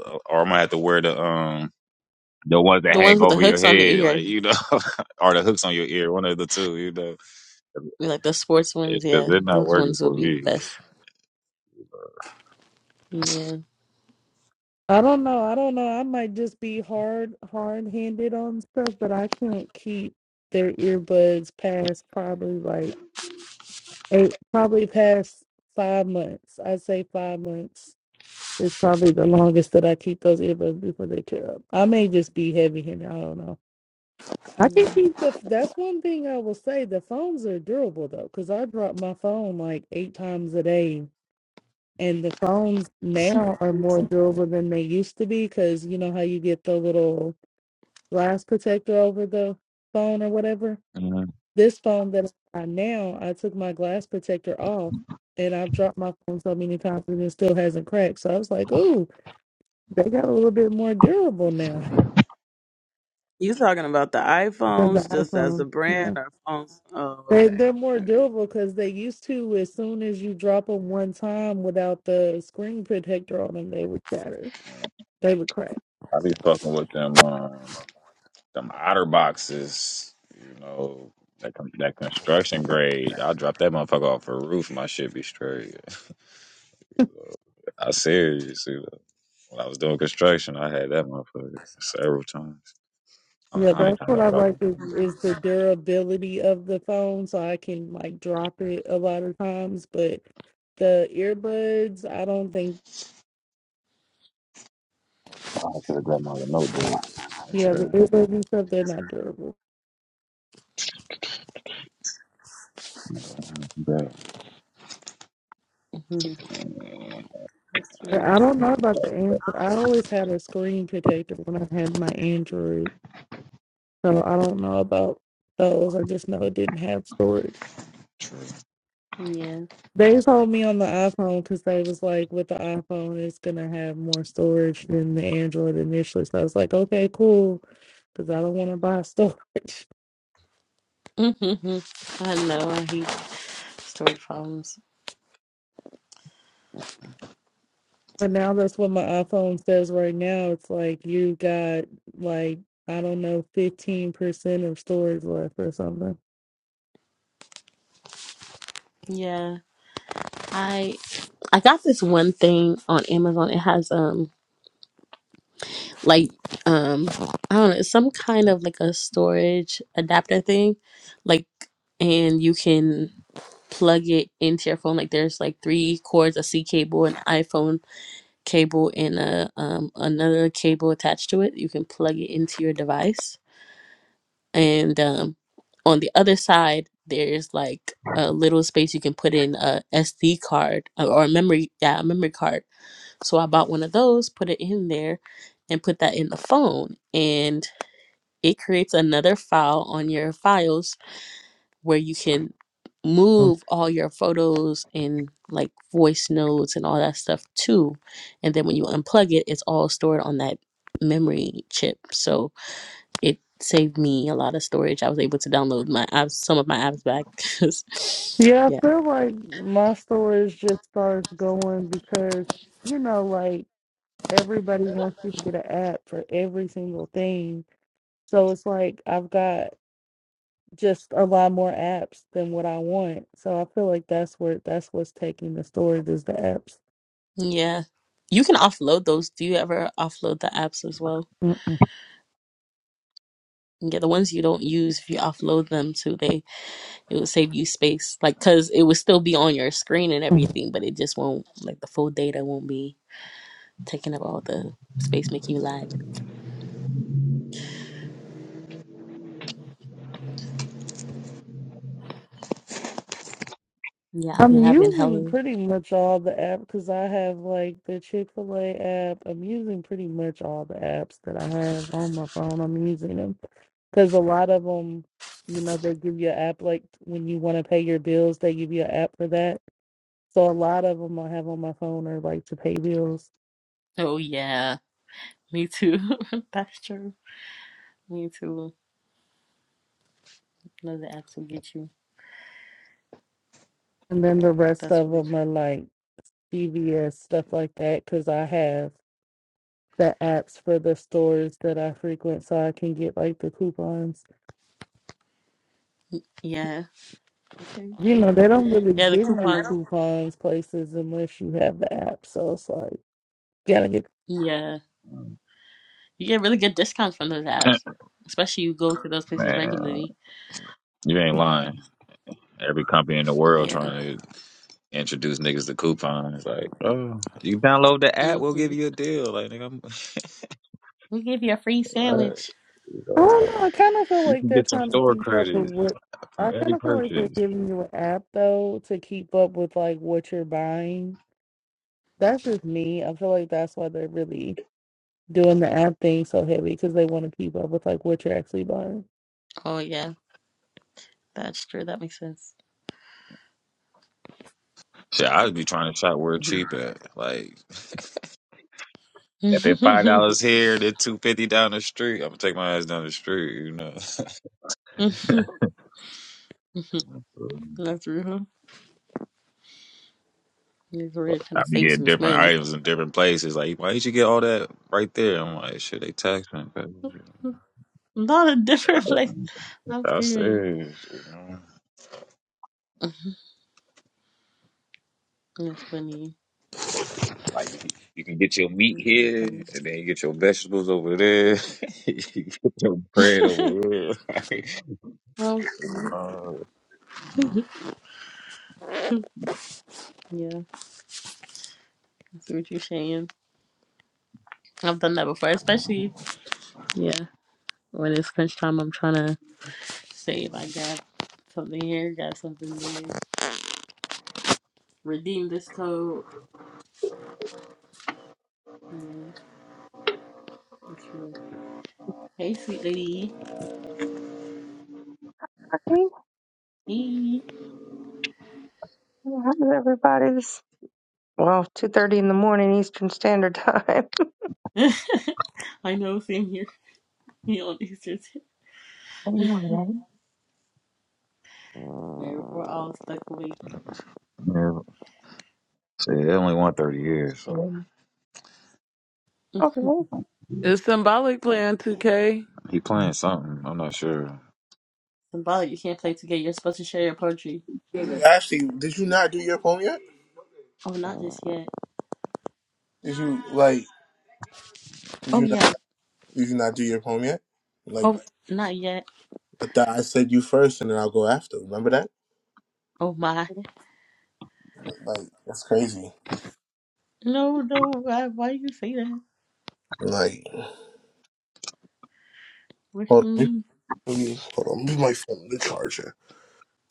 the ones with the hooks on the ear We Like the sports ones, yeah, those ones will be best. Yeah, I don't know. I don't know. I might just be hard, hard handed on stuff, but I can't keep their earbuds past probably like eight, probably past five months. I'd say five months is probably the longest that I keep those earbuds before they tear up. I may just be heavy handed. I don't know. I can yeah, keep the. That's one thing I will say. The phones are durable though, because I drop my phone like eight times a day and the phones now are more durable than they used to be because you know how you get the little glass protector over the phone or whatever. This phone that I have now, I took my glass protector off and I've dropped my phone so many times and it still hasn't cracked. So I was like, ooh, they got a little bit more durable now You talking about the with the iPhones just as a iPhone. brand Yeah. or phones? Oh, They, okay. they're more All right. durable because they used to, as soon as you drop them one time without the screen protector on them, they would shatter. They would crack. Yeah, that's what I like is, is the durability of the phone. So I can like drop it a lot of times, but the earbuds, I don't think, yeah, the earbuds and stuff, they're not durable. Mhm. that's But true. I don't know about the Android. I always had a screen protector when I had my Android. So I don't know about those. I just know it didn't have storage. Yeah, They told me on the iPhone because they was like, with the iPhone, it's going to have more storage than the Android initially. So I was like, okay, cool, because I don't want to buy storage. hmm I know I hate storage problems. And now that's what my iPhone says right now. It's like you got like I don't know, fifteen percent of storage left or something. Yeah, I I got this one thing on Amazon. It has um like um I don't know it's some kind of like a storage adapter thing, like and you can plug it into your phone. Like there's like three cords, a C cable, an iPhone cable and a um, another cable attached to it. You can plug it into your device, and um, on the other side there's like a little space you can put in a SD card uh, or a memory, yeah, a memory card. So I bought one of those, put it in there, and put that in the phone, and it creates another file on your files where you can move all your photos and like voice notes and all that stuff too. And then when you unplug it, it's all stored on that memory chip. So it saved me a lot of storage. I was able to download my apps, some of my apps back. 'cause- Yeah, yeah. I feel like my storage just starts going because you know, like everybody wants you to get an app for every single thing. So it's like I've got just a lot more apps than what I want. So I feel like that's where that's what's taking the storage is the apps. Yeah. You can offload those. Do you ever offload the apps as well? Mm-mm. Yeah, the ones you don't use, if you offload them to, they it would save you space. Like, cause it would still be on your screen and everything, but it just won't like the full data won't be taking up all the space, making you lag. Yeah, I'll be I'm having using hella. pretty much all the apps because I have like the Chick Fil A app. I'm using pretty much all the apps that I have on my phone. I'm using them because a lot of them, you know, they give you an app like when you want to pay your bills, they give you an app for that. So a lot of them I have on my phone are like to pay bills, Oh yeah, me too. That's true. Me too. Another app will get you. and then the rest That's of really them true. are like CVS stuff like that because I have the apps for the stores that I frequent, so I can get like the coupons. Yeah. Okay. You okay. know, they don't really Yeah, the give you coupons. coupons places unless you have the app. So it's like, gotta get. Yeah, you get really good discounts from those apps, especially you go to those places regularly. I Yeah. Mm-hmm. We give you a free sandwich. don't know. I kind of feel like they're trying to keep up with what. I kind of feel like they're giving you an app, though, to keep up with like what you're buying. That's just me. I feel like that's why they're really doing the app thing so heavy because they want to keep up with like what you're actually buying. Oh yeah, that's true. That makes sense. That's real. That's real. Trying to save some money. A lot of different places. I'm screaming. Mhm. That's funny. That's so funny. Well, yeah, I see what you're saying. I've done that before, especially yeah. When it's crunch time, I'm trying to save. I got something here, got something there. Redeem this code. Yeah, that's real. Hey, sweet lady. I think Hey. yeah, everybody's well, two thirty in the morning Eastern Standard Time. I know, same here. Me on Easter. too. I know, right? We're, we're all stuck awake. Um, Okay. Is Symbolic playing 2K? Symbolic, you can't play together. You're supposed to share your poetry. nah. Actually, did you not do your poem yet? Oh, not just yet. Did you like? Did Oh you yeah. not? Did you not do your poem yet? Like Oh, not yet. I thought I said you first, and then I'll go after. Remember that? Oh my. Like that's crazy. No, no. Why, why you say that? Like What hold you on, mean? let me, hold on, let me my phone the charger.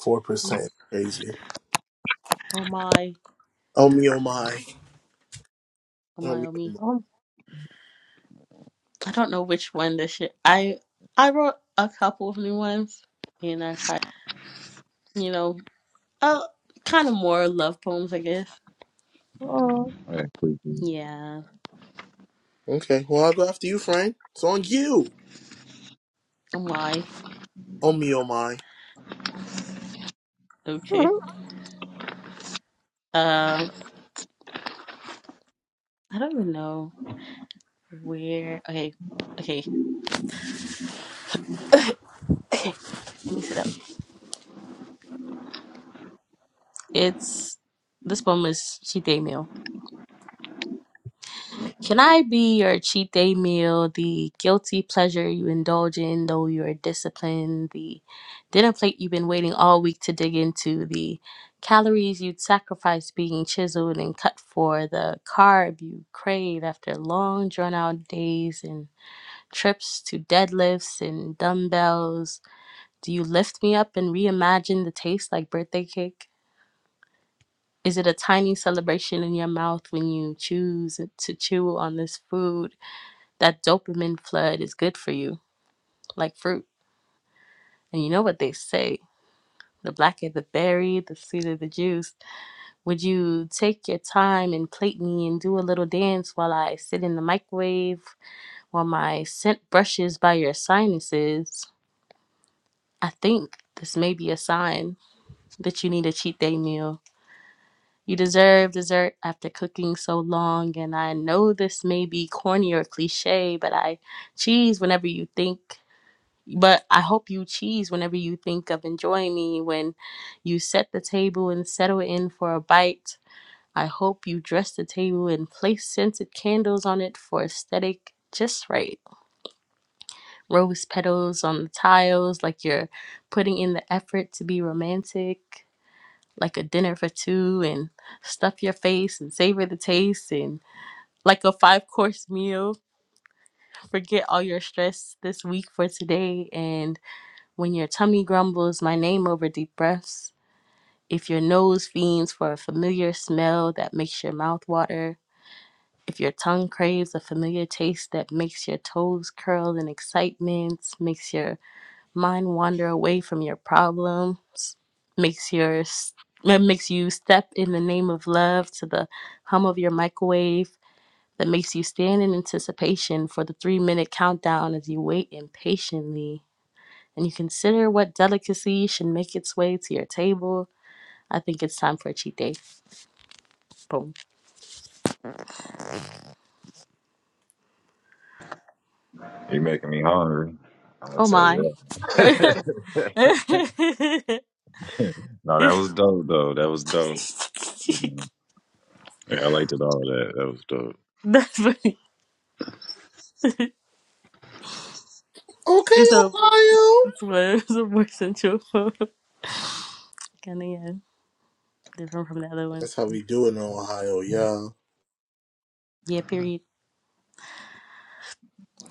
Four percent, crazy. Oh my. Oh me, oh my, Oh oh my. me, Oh oh me. my. Um, I don't know which one this shit. I I wrote a couple of new ones, and I tried. You know, uh, kind of more love poems, I guess. uh, Yeah. Okay, well I'll go after you, Frank. It's on you. Oh my. Oh me, oh my. mhm. Okay. Um, I don't even know where. Okay. Okay. Cool. Let me sit up. It's this poem is Chidemil. Can I be your cheat day meal, the guilty pleasure you indulge in though you're disciplined, the dinner plate you've been waiting all week to dig into, the calories you'd sacrifice being chiseled and cut for, the carb you crave after long drawn out days and trips to deadlifts and dumbbells? Do you lift me up and reimagine the taste like birthday cake? Is it a tiny celebration in your mouth when you choose to chew on this food? That dopamine flood is good for you, like fruit. And you know what they say the blacker the berry, the sweeter the juice. Would you take your time and plate me and do a little dance while I sit in the microwave while my scent brushes by your sinuses? I think this may be a sign that you need a cheat day meal. You deserve dessert after cooking so long, and I know this may be corny or cliche, but I cheese whenever you think But I hope you cheese whenever you think of enjoying me. When you set the table and settle in for a bite, I hope you dress the table and place scented candles on it for aesthetic just right. Rose petals on the tiles, like you're putting in the effort to be romantic, like a dinner for two, and stuff your face and savor the taste, and like a five course meal. Forget all your stress this week for today and When your tummy grumbles, my name over deep breaths. If your nose fiends for a familiar smell that makes your mouth water. If your tongue craves a familiar taste that makes your toes curl in excitement, makes your mind wander away from your problems, makes your that makes you step in the name of love to the hum of your microwave, that makes you stand in anticipation for the three minute countdown as you wait impatiently and you consider what delicacy should make its way to your table, I think it's time for a cheat day. Boom. Oh my. That's funny. Okay, It's a Ohio. it's worse, it's a worse intro. kind of yeah, different from the other one. That's how we do it in Ohio, yeah. Yeah. Period.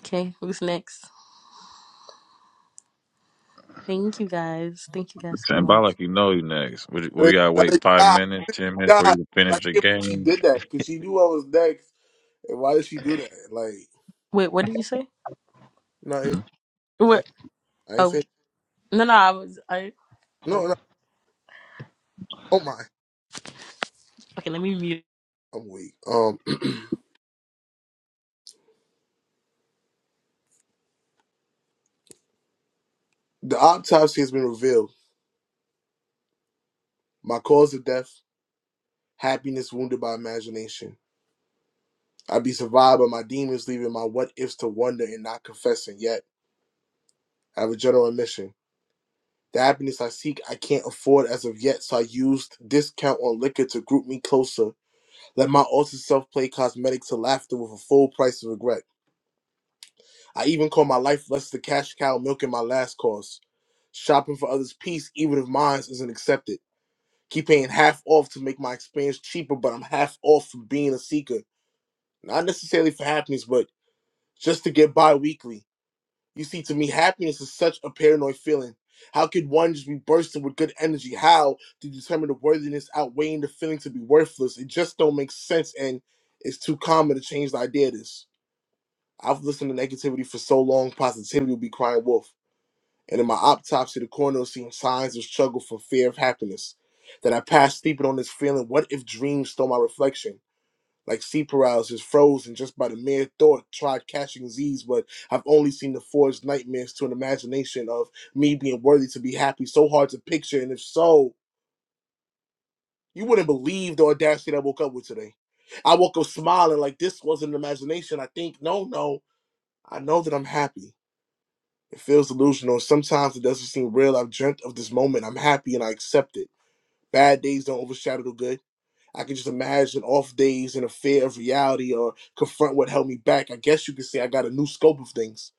Okay. Who's next? Thank you guys. Thank you guys so much. That is, that is not, not. I can't believe she did that because she knew I was next. And why did she do that? Like, Wait, what did you say? no, I, I, What? I ain't Oh say no, no. I was I. Oh, no, no. Oh my, okay. Let me mute. I'm weak. Um, the autopsy has been revealed. My cause of death: happiness wounded by imagination. I be survived by my demons, leaving my what ifs to wonder and not confessing. Yet I have a general admission. The happiness I seek, I can't afford as of yet, so I used discount on liquor to group me closer. Let my awesome self play cosmetic to laughter with a full price of regret. I even call my life less the cash cow milking my last course. Shopping for others' peace, even if mine isn't accepted. Keep paying half off to make my experience cheaper, but I'm half off for being a seeker. Not necessarily for happiness, but just to get by weekly. You see, to me, happiness is such a paranoid feeling. How could one just be bursting with good energy? How to determine the worthiness outweighing the feeling to be worthless? It just don't make sense, and it's too common to change the idea of this. I've listened to negativity for so long, positivity will be crying wolf. And in my autopsy, the coroner was seeing signs of struggle for fear of happiness. That I passed sleeping on this feeling. What if dreams stole my reflection? like sea paralysis, frozen just by the mere thought, tried catching Z's, but I've only seen the forged nightmares to an imagination of me being worthy to be happy, so hard to picture, and if so, you wouldn't believe the audacity that I woke up with today. I woke up smiling like this wasn't an imagination. I think, no, no, I know that I'm happy. It feels delusional. Sometimes it doesn't seem real. I've dreamt of this moment. I'm happy and I accept it. Bad days don't overshadow the good. I can just imagine off days and a fear of reality or confront what held me back. I guess you could say I got a new scope of things.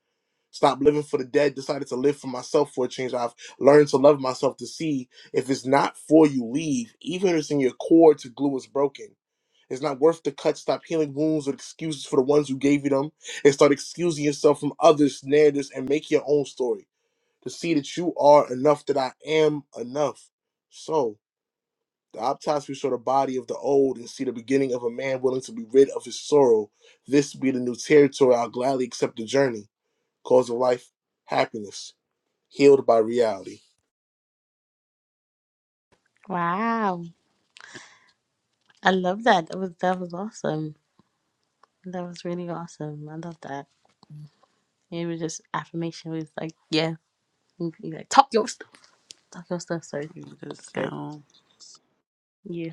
Stop living for the dead, decided to live for myself for a change. I've learned to love myself to see if it's not for you, leave. Even if it's in your core to glue is broken. It's not worth the cut. Stop healing wounds with excuses for the ones who gave you them and start excusing yourself from others' narratives and make your own story to see that you are enough, that I am enough. So, the autopsy saw the body of the old and see the beginning of a man willing to be rid of his sorrow. This be the new territory. I'll gladly accept the journey. Cause of life, happiness, healed by reality. Wow, I love that. That was that was awesome. That was really awesome. I love that. It was just affirmation. It was like, yeah, you you like talk your stuff, talk your stuff, sir. Cue the That's good. sound. Yeah,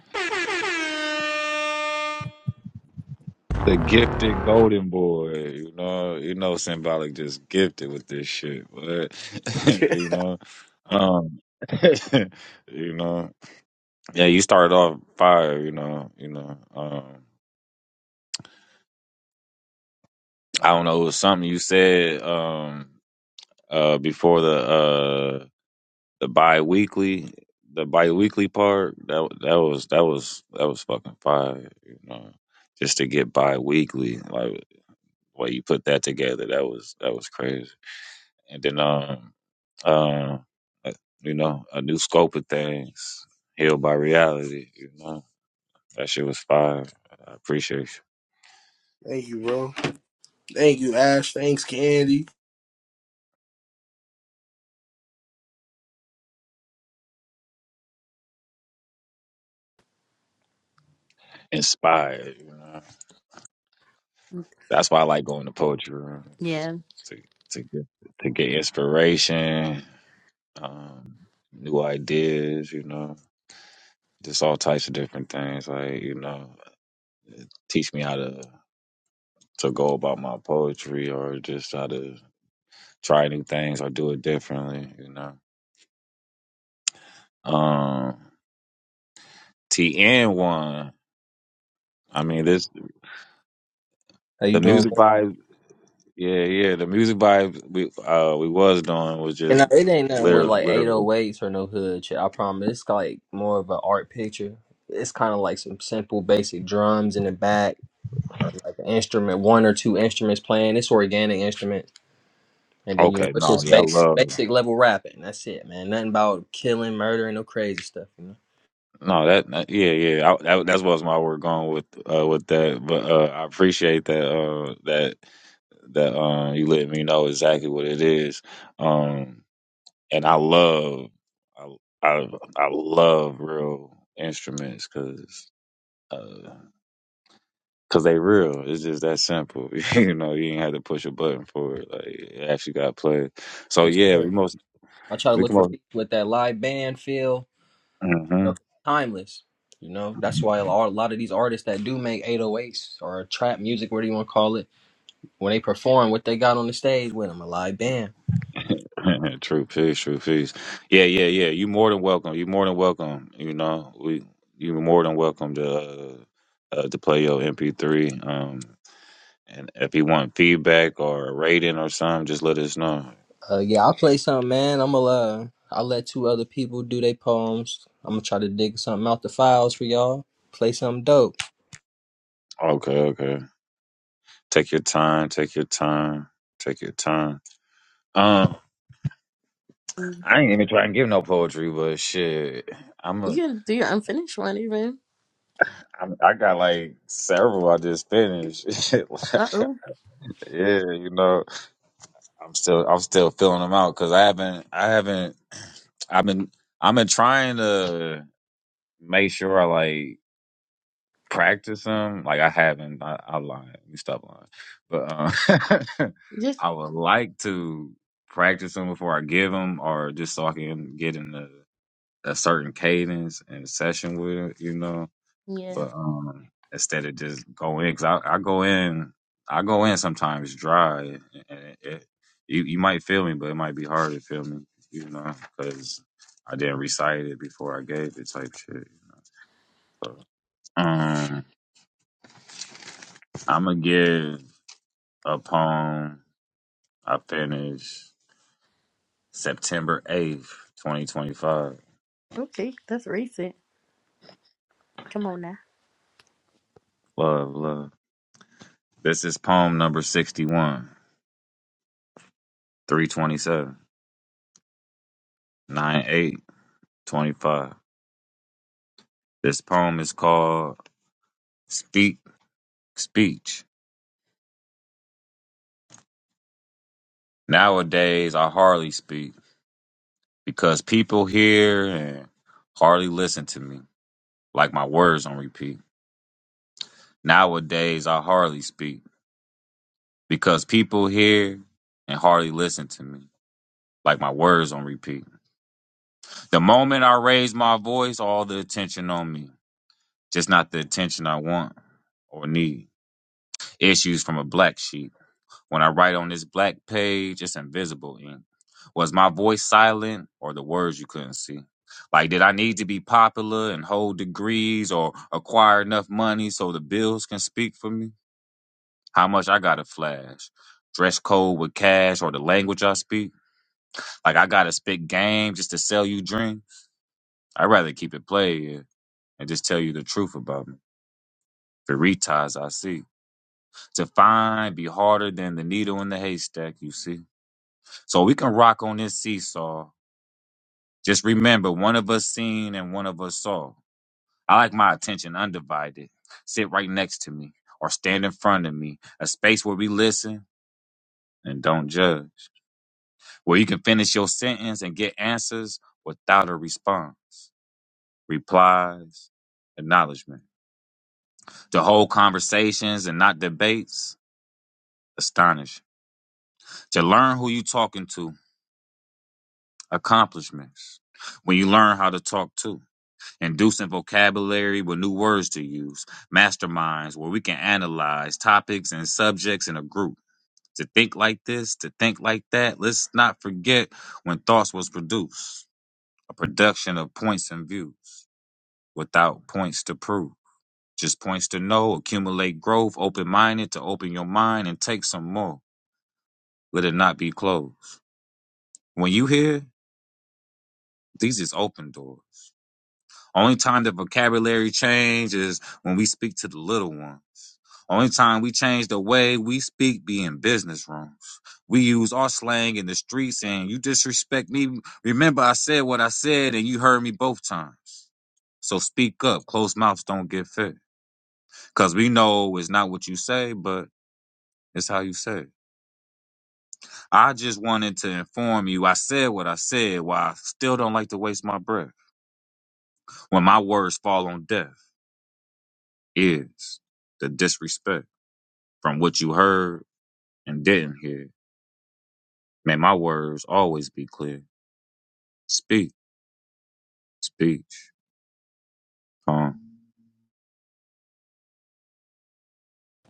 Thank you, bro. Thank you, Ash. Thanks, Candy. yeah. How you doing, bro? And uh, it ain't nothing with like 808s or no hood shit. I promise. It's like more of an art picture. It's kind of like some simple, basic drums in the back, or like an instrument, one or two instruments playing. It's organic instruments, and then you know it's just basic, basic level rapping. That's it, man. Nothing about killing, murdering, no crazy stuff. You know. Yes, sir. I try to look for beats with that live band feel. You know, timeless. You know, that's why a lot a lot of these artists that do make 808s or trap music, whatever you want to call it when they perform what they got on the stage with them. A live band. Uh, yeah, I'll play something, man. I'm gonna uh, I'll let two other people do their poems. I'm gonna try to dig something out the files for y'all. Play something dope. Mm. You gotta do your unfinished one, even. Uh oh. Just yeah. Okay, that's recent. Come on now.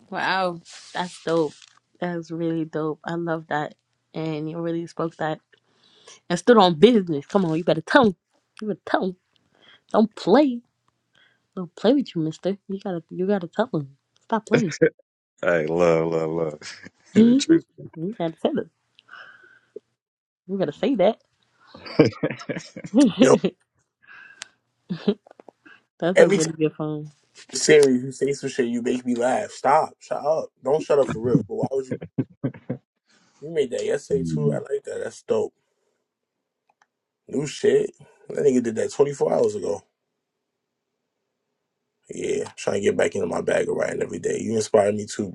Wow, that's dope. That's really dope. I love that, and you really spoke that and stood on business. Come on, you better tell him. You better tell him. Don't play. Don't play with you, Mister. You gotta. You gotta tell him. Stop playing. Mhm. you gotta tell it. You gotta say that. Yo, That's a every time really in good phone. the series you say some shit, you make me laugh. Stop. Shut up. Don't shut up for real. But why would you? You made that yesterday too. I like that. That's dope. New shit. That nigga did that 24 hours ago. Yeah, trying to get back into my bag of writing every day. You inspire me too,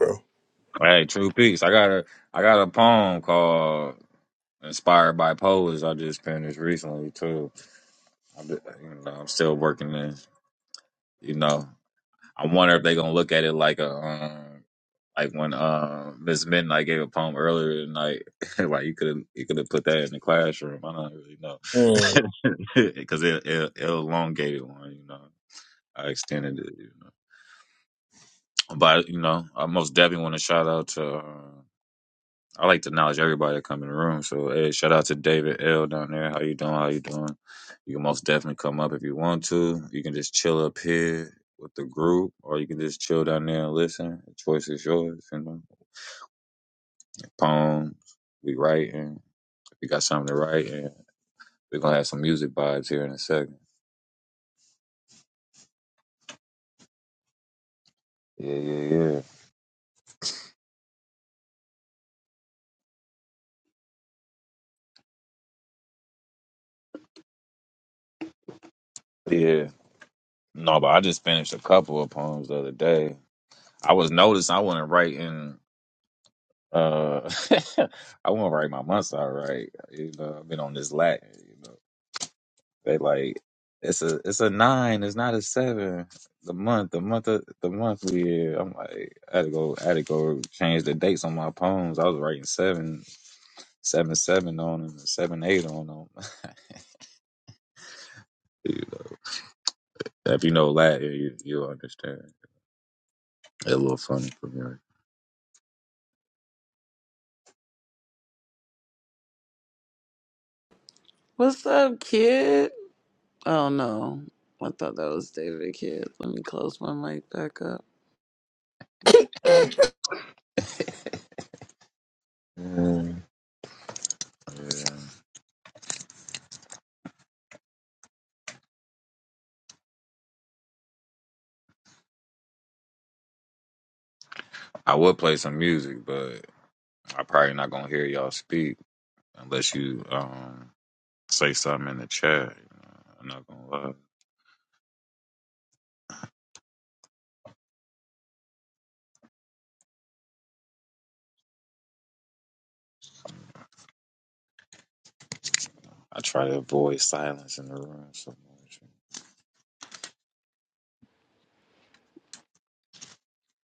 bro. What's up, kid? Oh, no. I thought that was David Kid. Let me close my mic back up. Mm.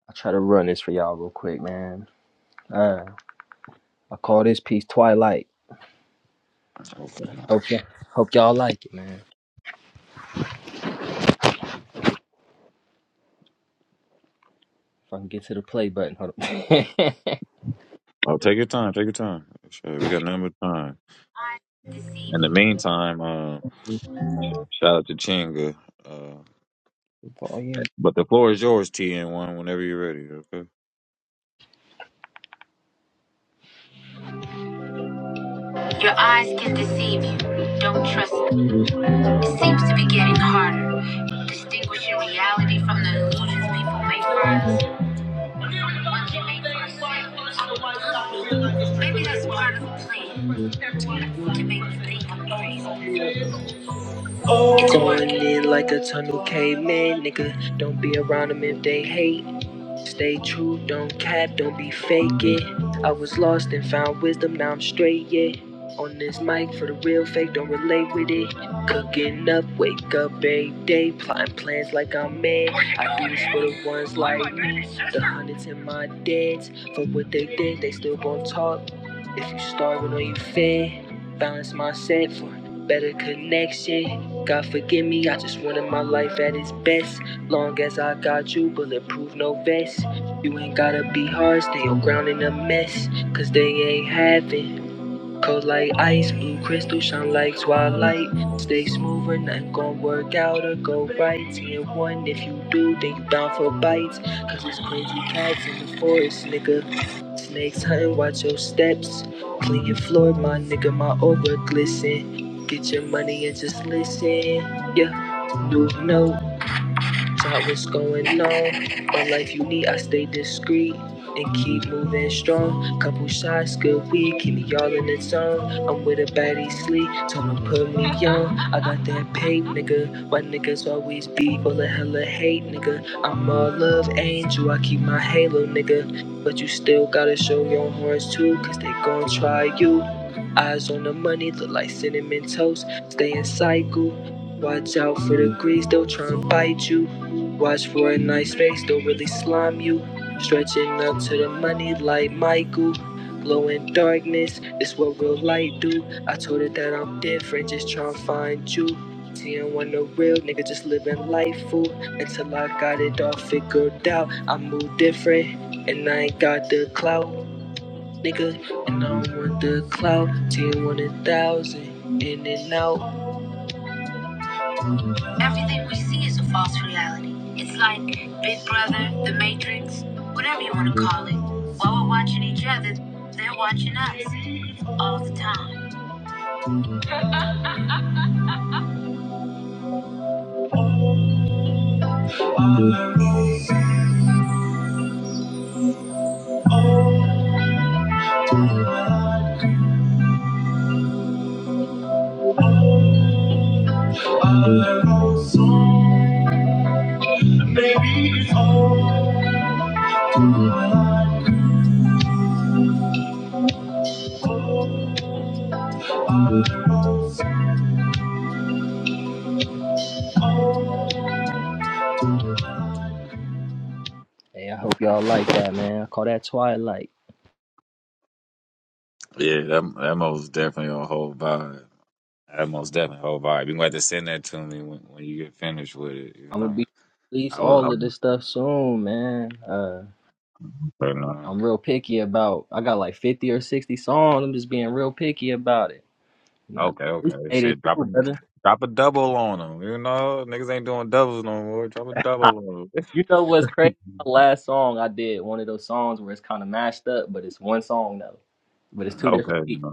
I'll try to run this for y'all real quick, man. Uh, I call this piece Twilight. Hope, y- hope y'all like it, man. If I can get to the play button, hold up. Volume. Your eyes can deceive you. Don't trust It seems to be getting harder. Distinguishing reality from the illusions people make for us. Ones we make for ourselves. Maybe that's part of the plan. To make us think I'm crazy. Going in like a tunnel caveman, nigga. Don't be around them if they hate. Stay true, don't cap, don't be fake it. I was lost and found wisdom, now I'm straight, yeah. On this mic for the real fake, don't relate with it. Cooking up, wake up every day, plotting plans like I'm mad. I do this for the ones like me, the hundreds in my dads. For what they did, they still gon' talk. If you starving or you fed, balance my set for better connection. God forgive me, I just wanted my life at its best. Long as I got you, bulletproof, no vest. You ain't gotta be hard, stay on ground in a mess. Cause they ain't having. Cold like ice, blue crystal, shine like twilight. Stay smooth or nothing gon' work out or go right. 10 and 1, if you do, then you down for bites. Cause it's crazy cats in the forest, nigga. Snakes hunting, watch your steps. Clean your floor, my nigga, my aura glisten. Get your money and just listen. Yeah, you know Try what's going on. What life you need, I stay discreet and keep moving strong. Couple shots, good weed, keep me all in the zone. I'm with a baddie sleep, told him put me on. I got that pain, nigga. Why niggas always be full of hella hate, nigga? I'm a love angel, I keep my halo, nigga. But you still gotta show your horns too, cause they gon' try you. Eyes on the money, look like cinnamon toast. Stay in cycle. Watch out for the grease, they'll try and bite you. Watch for a nice face, don't really slime you. Stretching up to the money like Michael. Glow in darkness, it's what real light do. I told her that I'm different, just tryna find you. TN1 the real nigga, just living life fool. Until I got it all figured out, I move different, and I ain't got the clout, nigga. And I don't want the clout, TN1 a thousand, in and out. Everything we see is a false reality. It's like Big Brother, The Matrix, whatever you want to call it. While we're watching each other, they're watching us all the time. Hey, I hope y'all like that, man. I call that Twilight. I'm gonna be release all of this stuff soon, man. Uh, I'm real picky about. I got like 50 or 60 songs. I'm just being real picky about it. You know, appreciate it too, brother. You know what's crazy? My last song I did one of those songs where it's kind of mashed up, but it's one song though. But it's two different beats.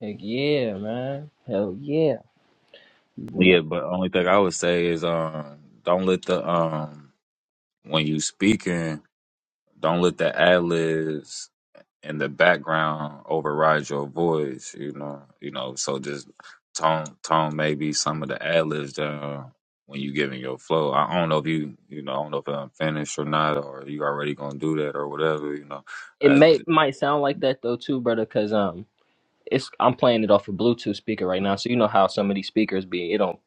Heck yeah, man. Hell yeah. You know, it may it might sound like that though too, brother, because um, it's I'm playing it off a Bluetooth speaker right now, so you know how some of these speakers be. It don't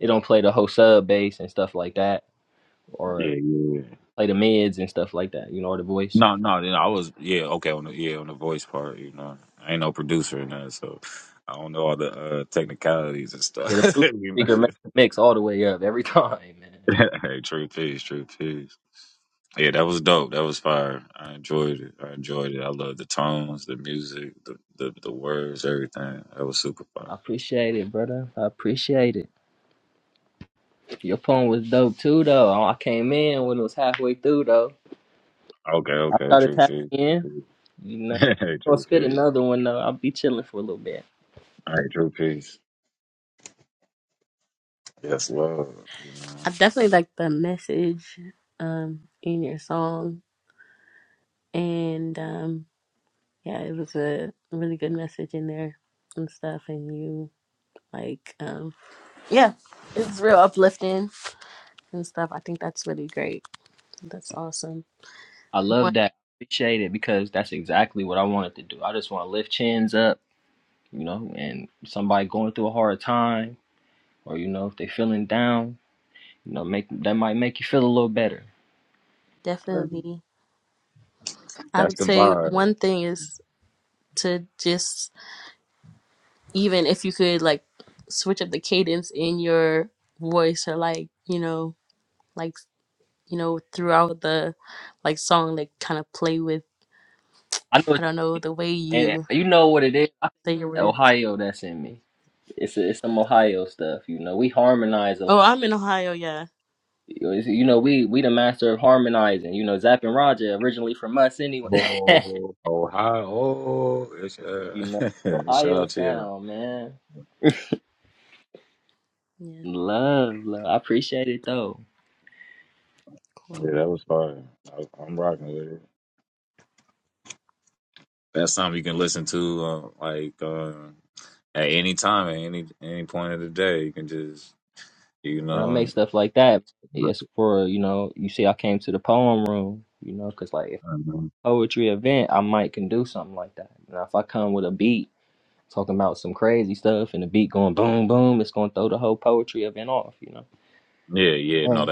it don't play the whole sub bass and stuff like that, or play the mids and stuff like that. You know, or the voice. Yeah, the Bluetooth speaker mi- mix all the way up every time, man. I appreciate it, brother. I appreciate it. Your poem was dope too, though. I came in when it was halfway through, though. I started tapping in. You know, gonna spit another one though. I'll be chilling for a little bit. I definitely like the message um in your song, and um yeah, it was a really good message in there and stuff. And you like um yeah, it's real uplifting and stuff. I think that's really great. That's awesome. I love One that. Appreciate it because that's exactly what I wanted to do. I just want to lift chins up, you know, and somebody going through a hard time or you know if they feeling down, you know, make that might make you feel a little better. definitely, I would say one thing is to just even if you could like switch up the cadence in your voice or like you know like you know throughout the like song like kind of play with I know i what don't know you the way mean, you and you know what it is. I say your think words Ohio that's in me. It's it's some Ohio stuff, you know. We harmonize a. oh i'm in ohio yeah You know, we we the master of harmonizing. You know, Zapp and Roger originally from us anyway. you know, Ohio sound, man. yeah Love, love. I appreciate it though. cool When I make stuff like that, it's for you know. You see, I came to the poem room. You know, because like if poetry event, I might can do something like that. Now, if I come with a beat talking about some crazy stuff and the beat going boom boom, it's gonna throw the whole poetry event off. You know, Um,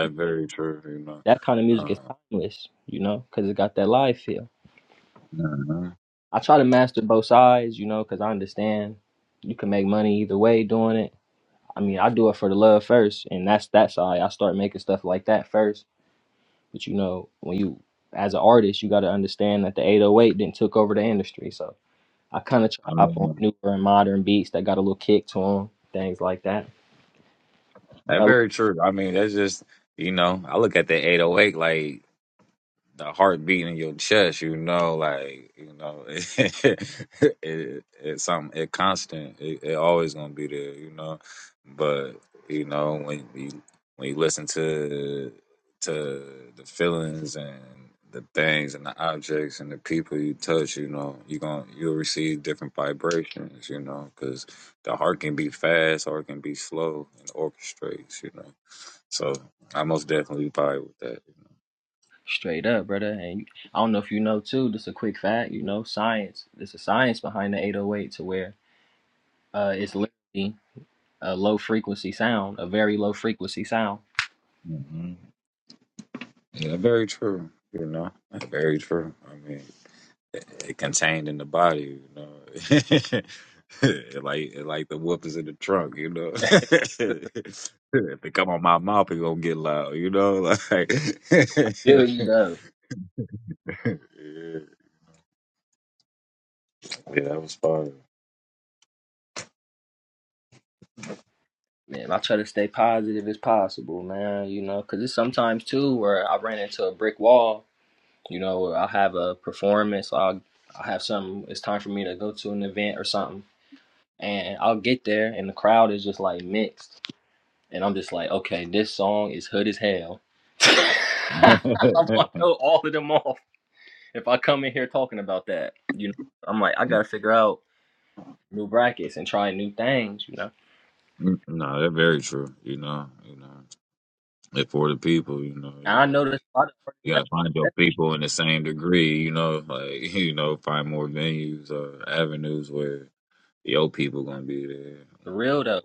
that kind of music is timeless. You know, because it got that live feel. I try to master both sides, you know, because I understand you can make money either way doing it. I mean, I do it for the love first, and that's that side. I start making stuff like that first. But you know, when you as an artist, you got to understand that the 808 didn't took over the industry. So I kind of try to hop on newer and modern beats that got a little kick to them, things like that. I Straight up, brother. And I don't know if you know too. Just a quick fact, you know, science. There's a science behind the 808 to where uh, it's literally a low frequency sound, a very low frequency sound. Feel you though. Man, I try to stay positive as possible, man, you know, because it's sometimes too where I ran into a brick wall, you know, where I'll have a performance, I'll, I'll have something, it's time for me to go to an event or something. And I'll get there and the crowd is just like mixed. And I'm just like, okay, this song is hood as hell. I'm gonna throw all of them off if I come in here talking about that. You know, I'm like, I gotta figure out. new brackets and try new things, you know. And I noticed a lot of artists that that's for real though.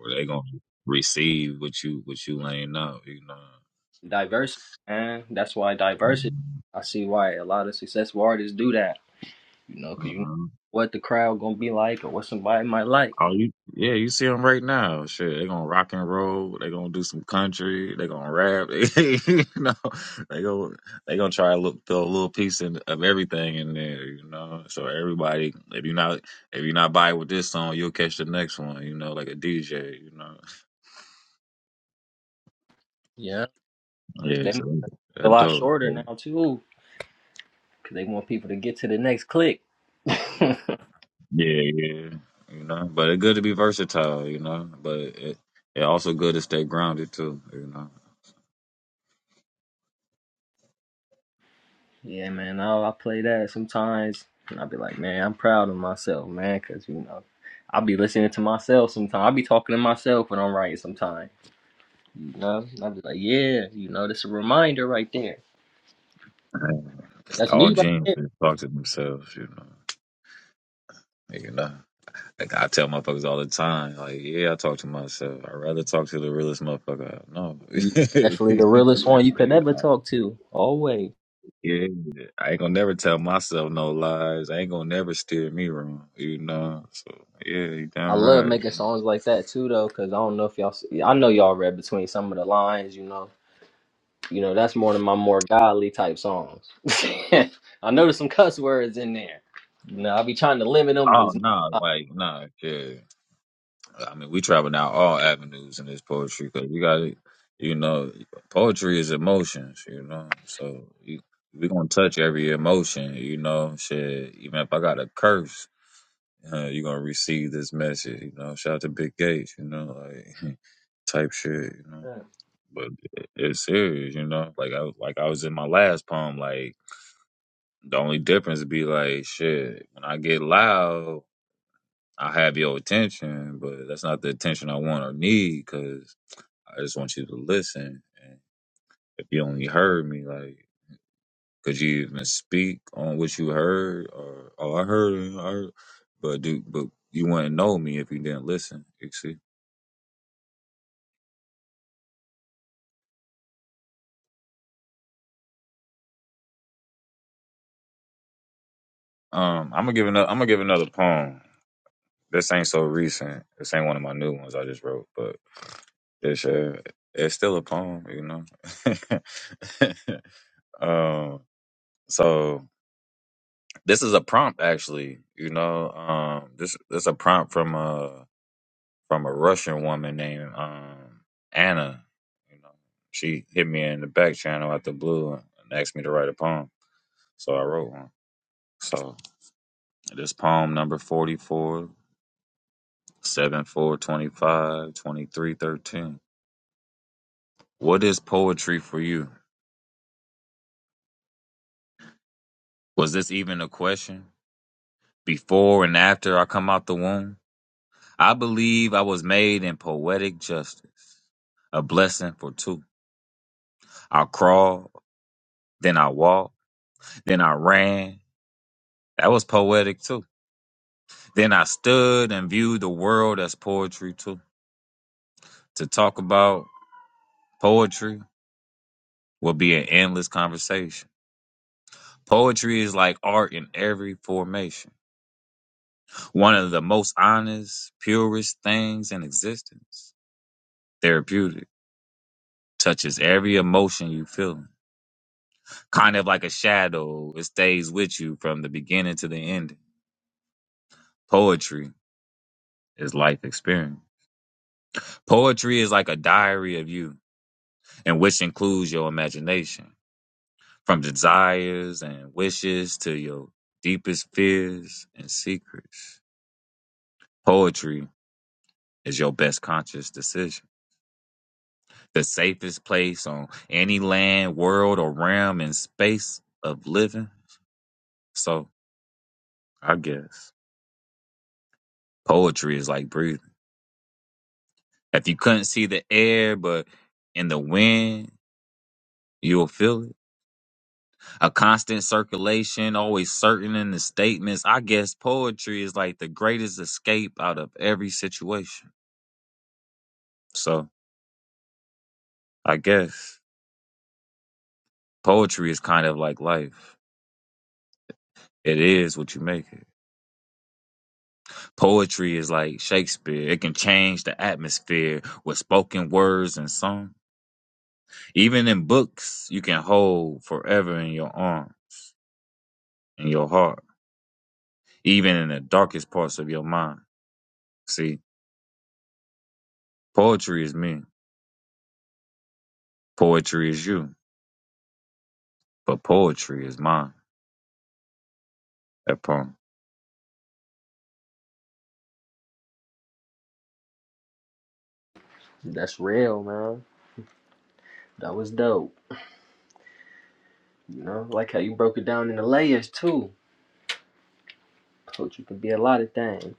Diversity, man. That's why diversity. I see why a lot of successful artists do that, you know, because you know what the crowd gonna be like or what somebody might like. Yeah, they make it a lot shorter now too, because they want people to get to the next click. yeah, man. I I play that sometimes, and I'll be like, man, I'm proud of myself, man, because you know. I'll be listening to myself sometimes. I'll be talking to myself when I'm writing sometimes. You know, I'd be like, yeah, you know, that's a reminder right there. Like, that's me right there. You definitely the realest one you could ever talk to. Always. I love making songs like that too, though, because I don't know if y'all. See, I know y'all read between some of the lines, you know. You know, that's more than my more godly type songs. I know there's some cuss words in there. You know, i be trying to limit them. As much as I can. That's real, man. That was dope. You know, like how you broke it down into layers too. Told you could be a lot of things.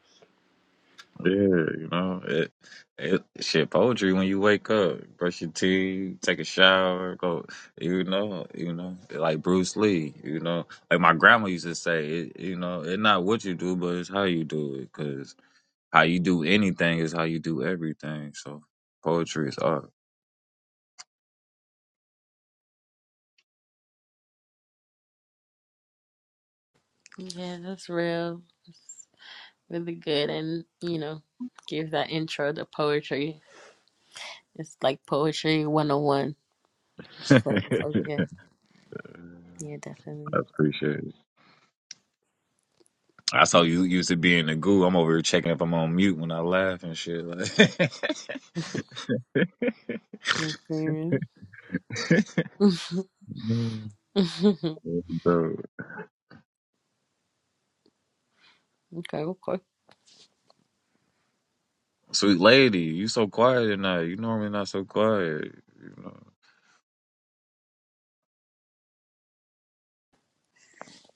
yeah that's real really good and you know give that intro to poetry it's like poetry 101 so, so yeah yeah definitely okay okay okay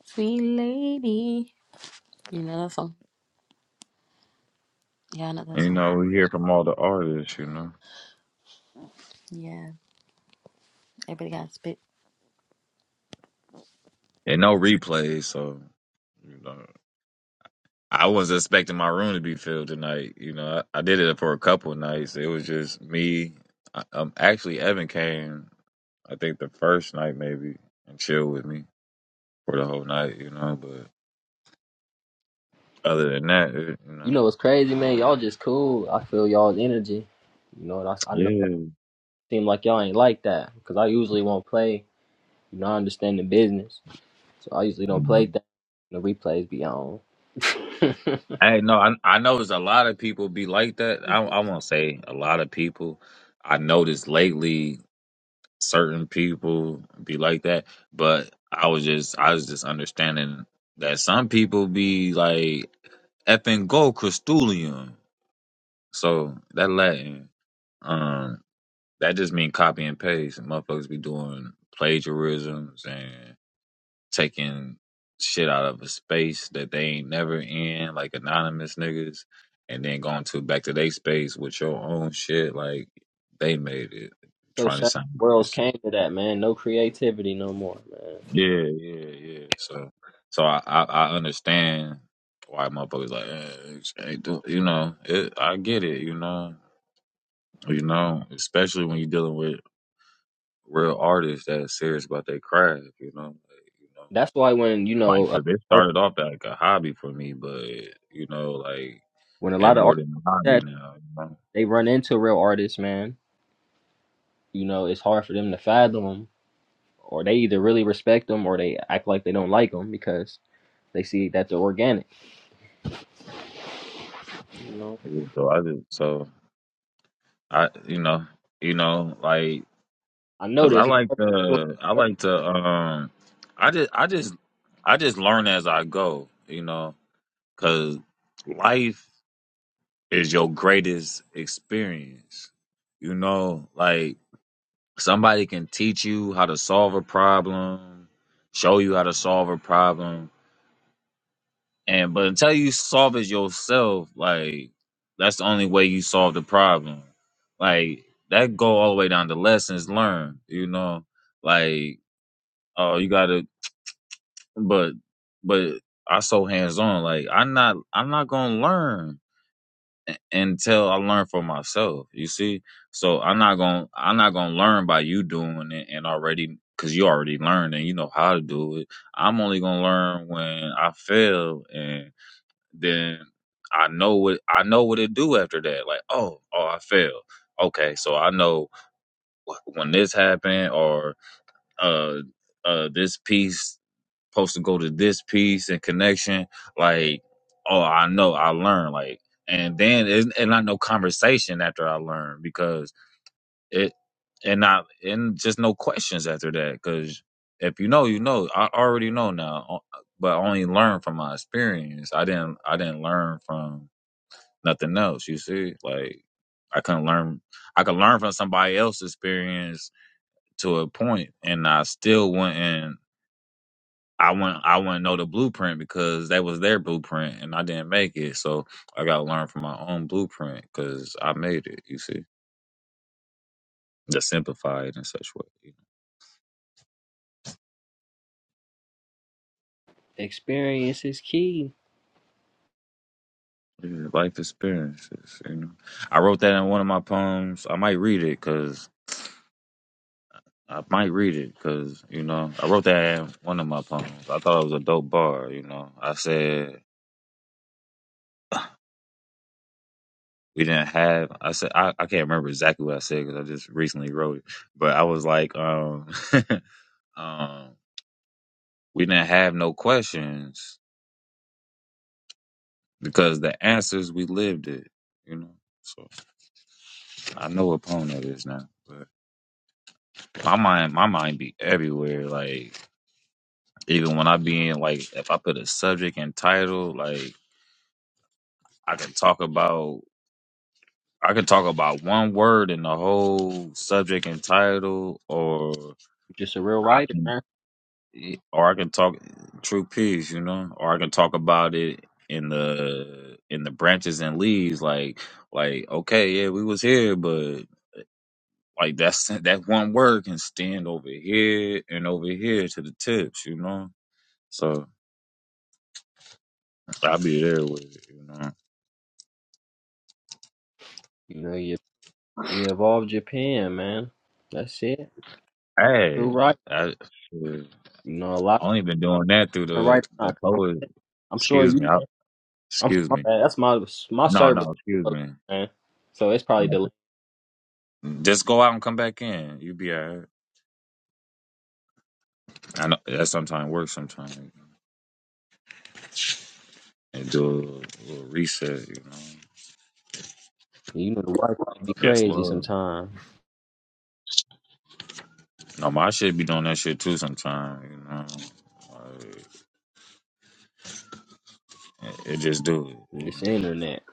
sweet lady you know that song Yeah, I know that song. Yeah, everybody got spit. You know what's crazy, man? Y'all just cool. I feel y'all's energy. You know, that's, I I know y'all seem like y'all ain't like that because I usually won't play. You know, I understand the business, so I usually don't play that. The replays be on. so sad. the Worlds came to that, man. No creativity, no more, man. That's why when you know, a art, when a lot of artists like that they run into real artists, man. You know, it's hard for them to fathom 'em, or they either really respect them or they act like they don't like them because they see that they're organic. You know, I know this experience is key. You're just a real writer, man. You know, you you evolve Japan, man. That's it. True writer. You know, a lot of writers not complex. I'm sure you. I'm sorry, my bad. That's my my service, man. So it's probably delayed. You know, the Wi-Fi be crazy sometimes. This internet.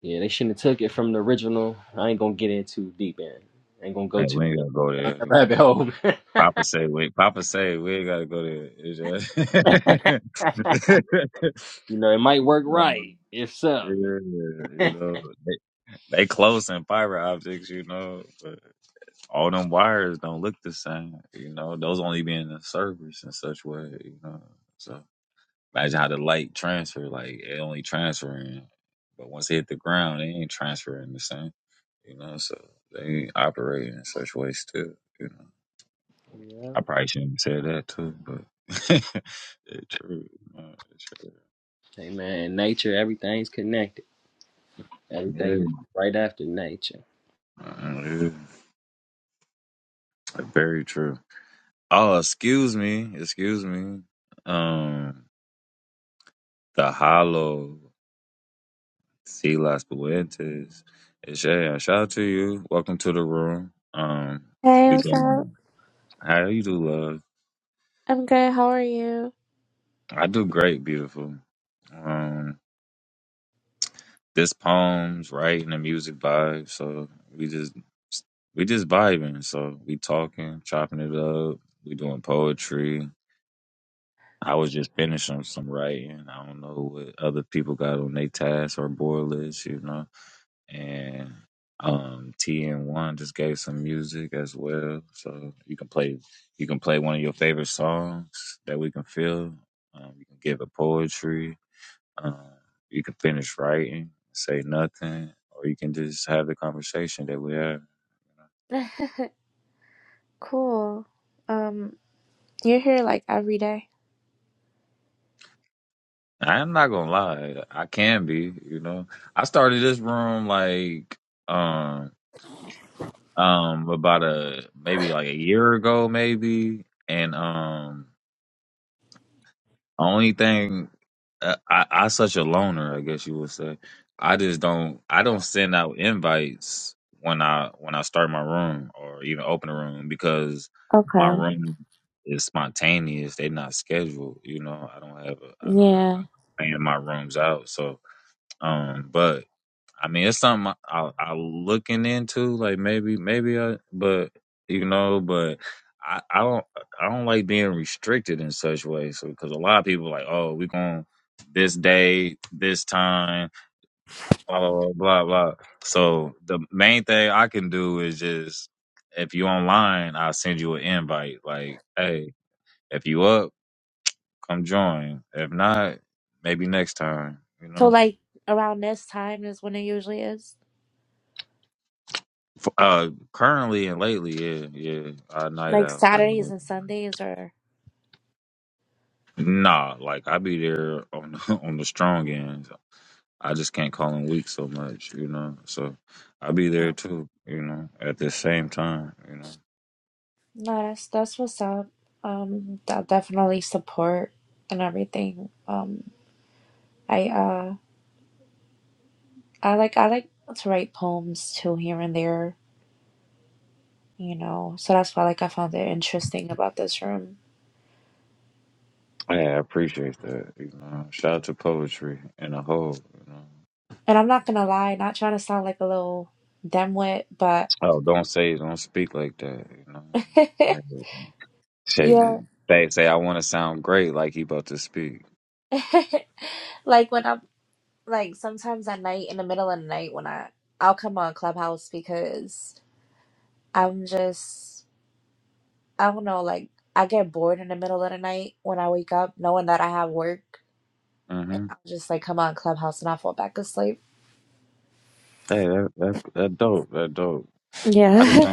Yeah, they shouldn't have took it from the original. I ain't gonna get in too deep in. I ain't gonna go too down that rabbit hole. You know, it might work right. If so, yeah. hey man, nature, everything's connected. Everything is right after nature. Hey, what's up? I'm good. How are you? Cool. Um, you're here like every day. Okay. Yeah. So like around this time is when it usually is. Like Saturdays and Sundays or Oh. no, that's that's what's up. Um, I definitely support and everything. Um, I uh I like I like to write poems too here and there, you know. So that's why like I found it interesting about this room. And I'm not gonna lie, not trying to sound like a little dimwit, but yeah, like when I'm like sometimes at night in the middle of the night when I I'll come on Clubhouse because I'm just I don't know like I get bored in the middle of the night when I wake up knowing that I have work. I'll just like come on Clubhouse and I fall back asleep. Yeah,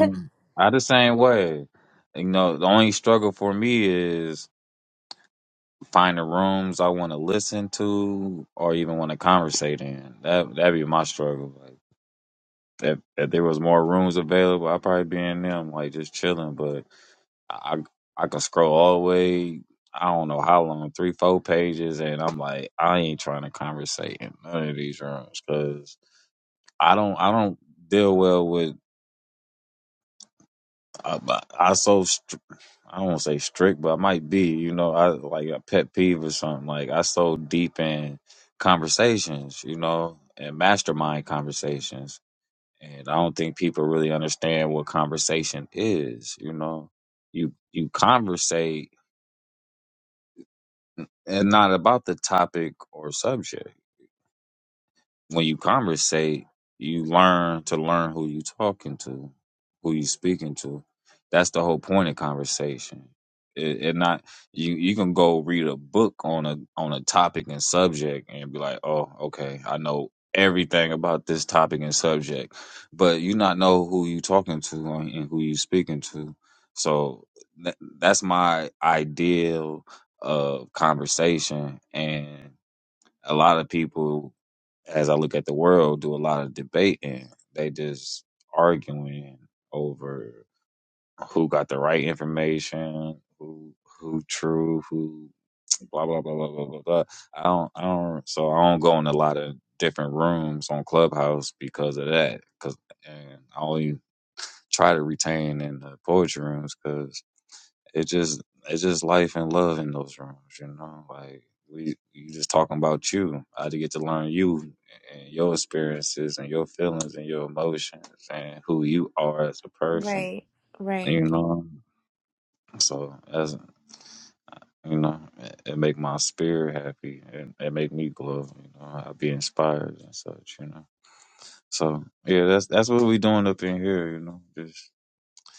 right, right.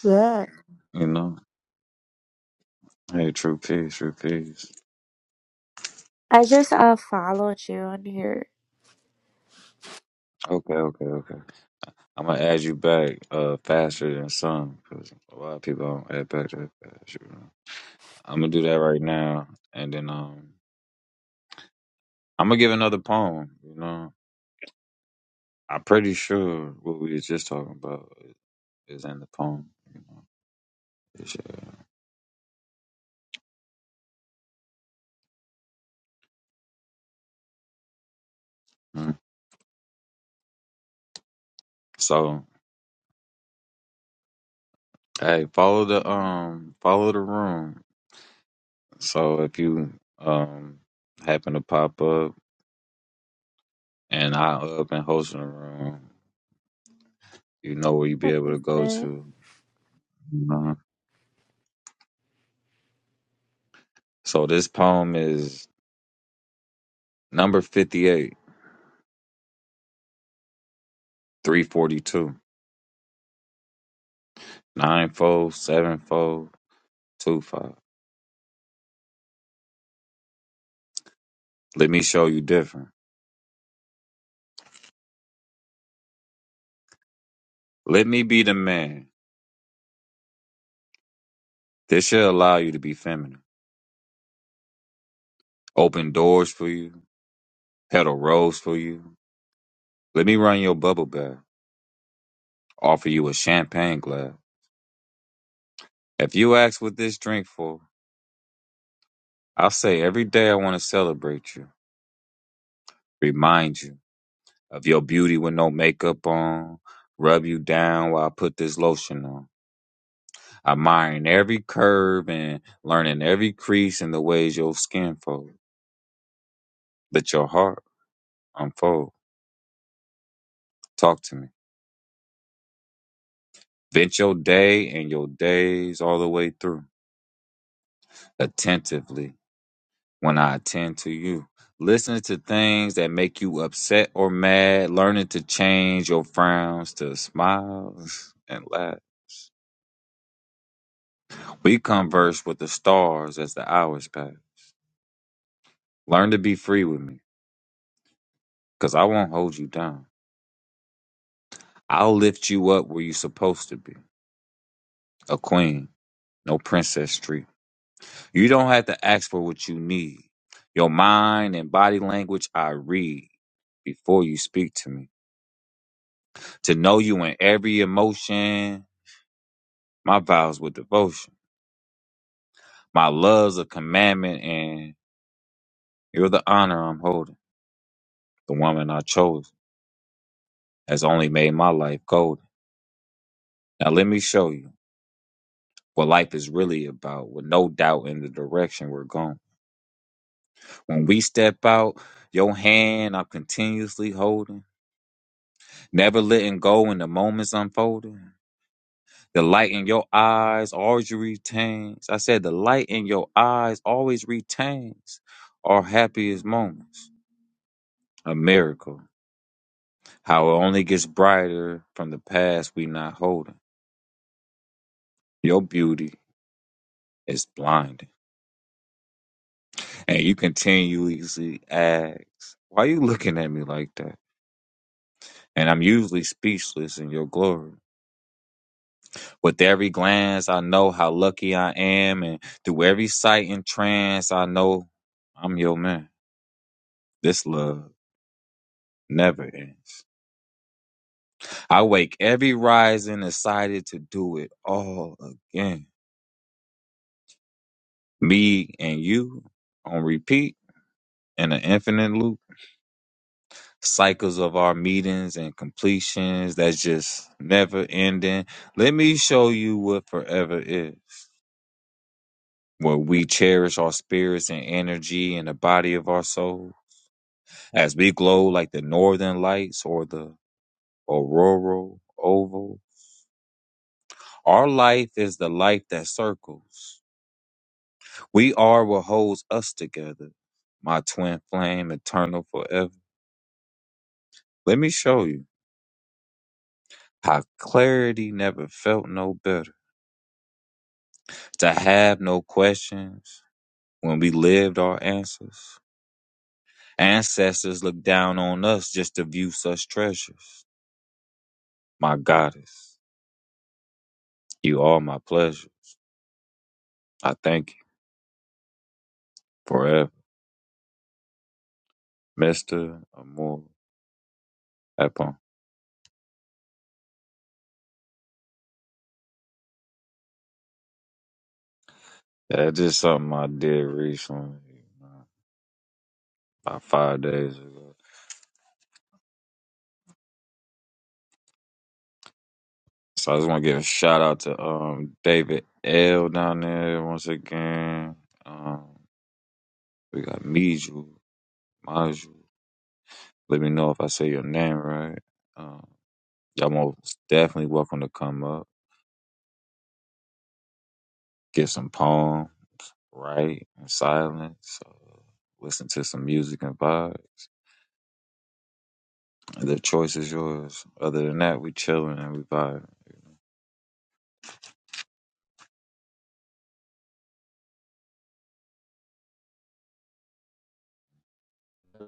Yeah, I just uh followed you on here.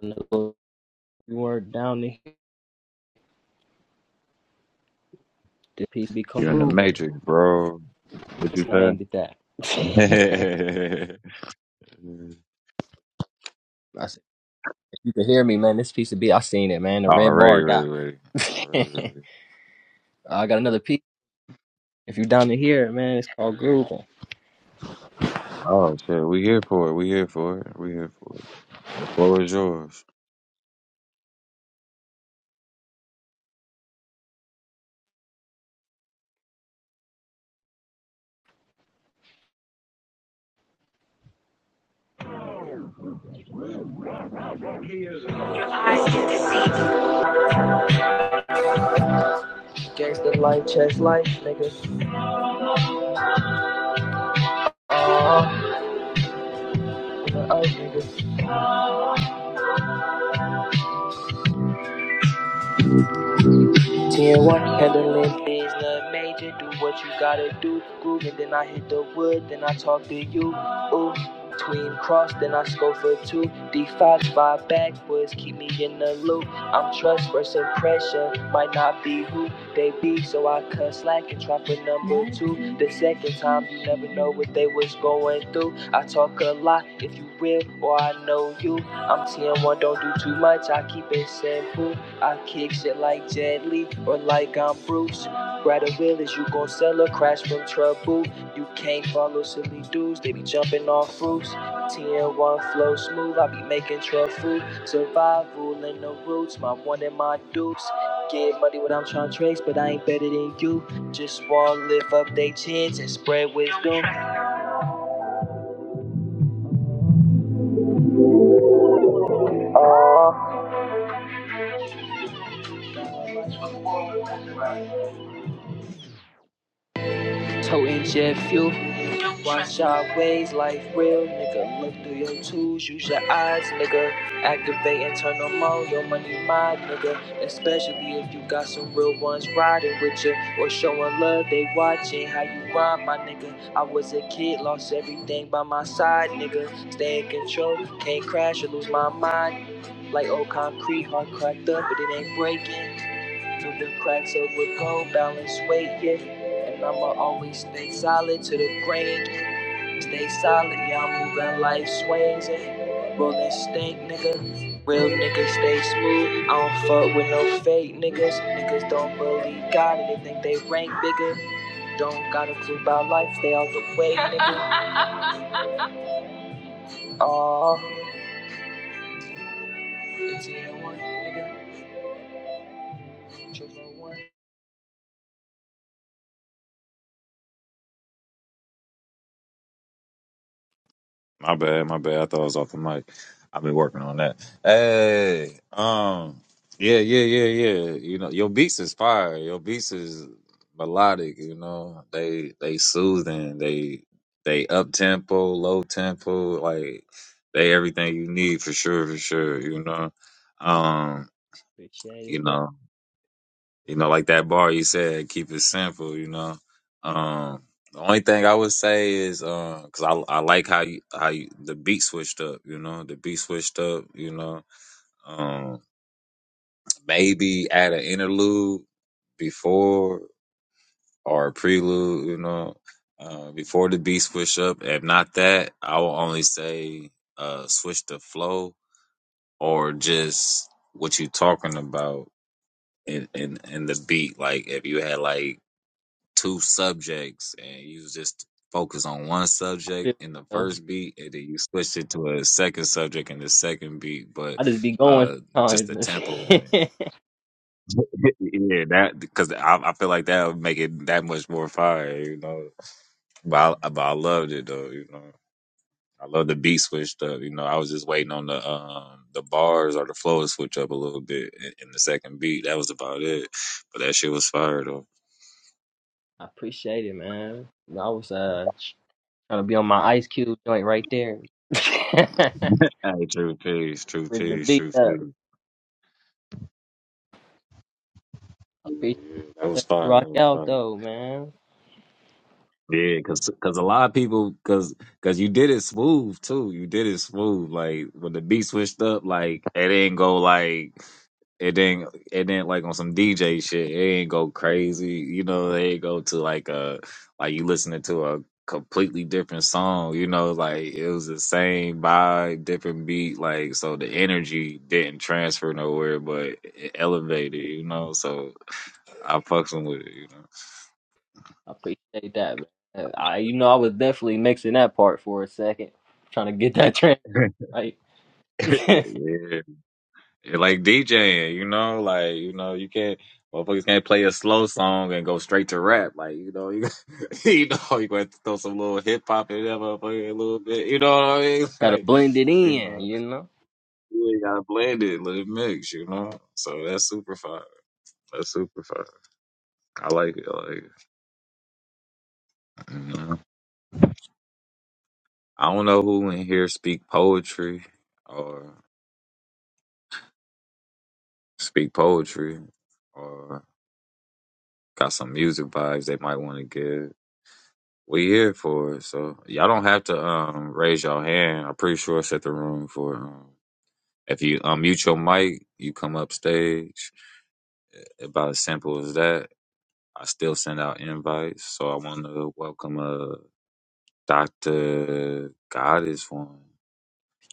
You weren't down the hill, the piece be called grooving. See, I named it that. I said, if you can hear me, man, this piece of beat, I seen it, man. The red bar got me. I got another piece. If you down to here, man, it's called grooving. Gangsta life, chest life, niggas. Uh, uh, uh, niggas. Tier one handling things, love major. Do what you gotta do. Groove and then I hit the wood. Then I talk to you. Ooh, tween cross. Then I score for two. D5 five five backwards. Keep me in the loop. I'm trust versus pressure. Might not be who they be, so I cut slack and try for number two. The second time, you never know what they was going through. I talk a lot if you real or I know you. I'm TM1, don't do too much. I keep it simple. I kick shit like Jet Li or like I'm Bruce. Rather will is you gon' sell a crash from trouble. You can't follow silly dudes, they be jumping off roofs. TN1 flow smooth, I be making truck Survival in the roots, my one and my dupes. Get money when I'm trying to trace, but I ain't better than you. Just wanna lift up they chins and spread wisdom. Oh, toting jet fuel. Watch our ways, life real, nigga. Look through your tools, use your eyes, nigga. Activate and turn them on, your money mine, nigga. Especially if you got some real ones riding with you or showing love, they watching how you rhyme, my nigga. I was a kid, lost everything by my side, nigga. Stay in control, can't crash or lose my mind. Like old concrete, heart cracked up, but it ain't breaking. Through the cracks over, gold, balance weight, yeah. And I'ma always stay solid to the grain. Stay solid, yeah, I'm moving life swings and rolling stink, nigga. Real niggas stay smooth. I don't fuck with no fake niggas. Niggas don't believe God and they think they rank bigger. Don't got a clue about life, stay out the way, nigga. Aw, it's in one, nigga. Triple one. Appreciate it, bro. I feel you. I just be going sometimes. man. I appreciate it, man. I was uh Gotta be on my Ice Cube joint right there. With the beat up. I appreciate you letting me rock out though, man. I appreciate that, man. Uh, I, you know, I was definitely mixing that part for a second, trying to get that track right. gotta blend it in, you know.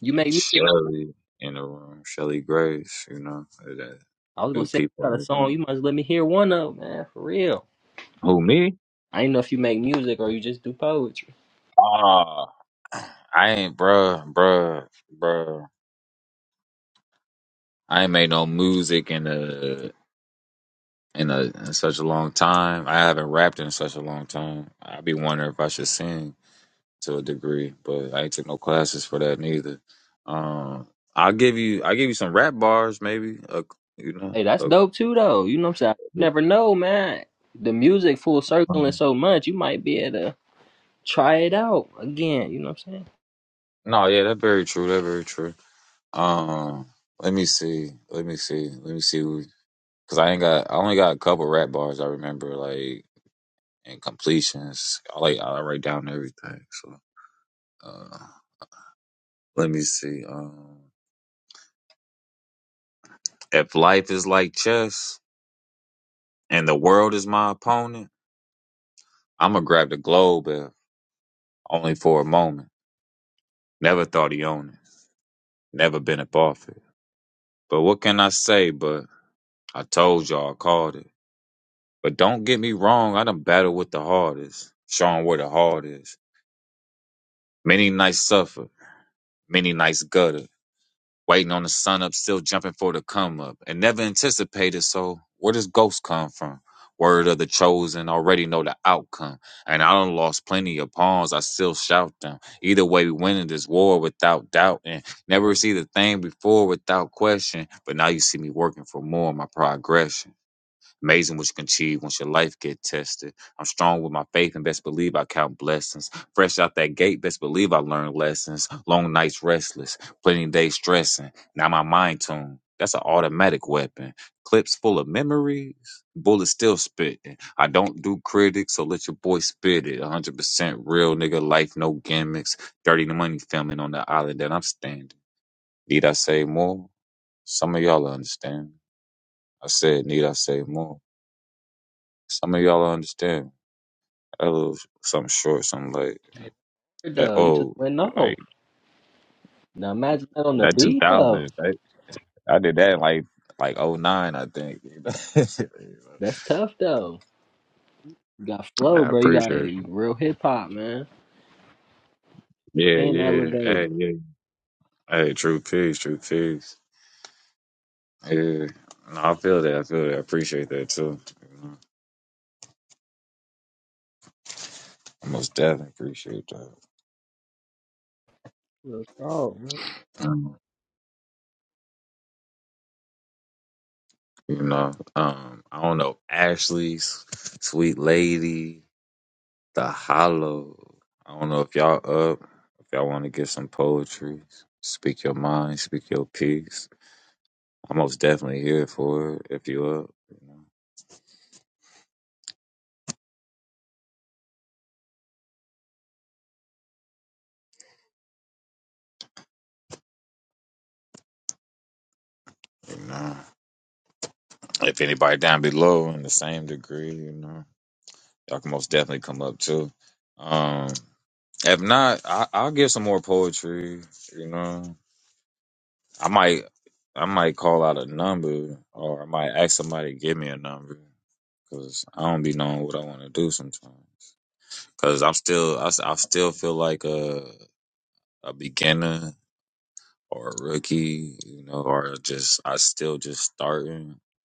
You make music. I was gonna say, you got a song, you must let me hear one of, 'em, man, for real. I didn't know if you make music or you just do poetry. Hey, that's dope too, though. You know what I'm saying? You never know, man. The music full circling so much, you might be at a try it out again. You know what I'm saying? Weird, Though you just went off. Now imagine that on the beat though. That's tough though. You got flow, bro. You got real hip hop, man. And elevated. Real talk, man.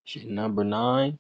Shit, number nine.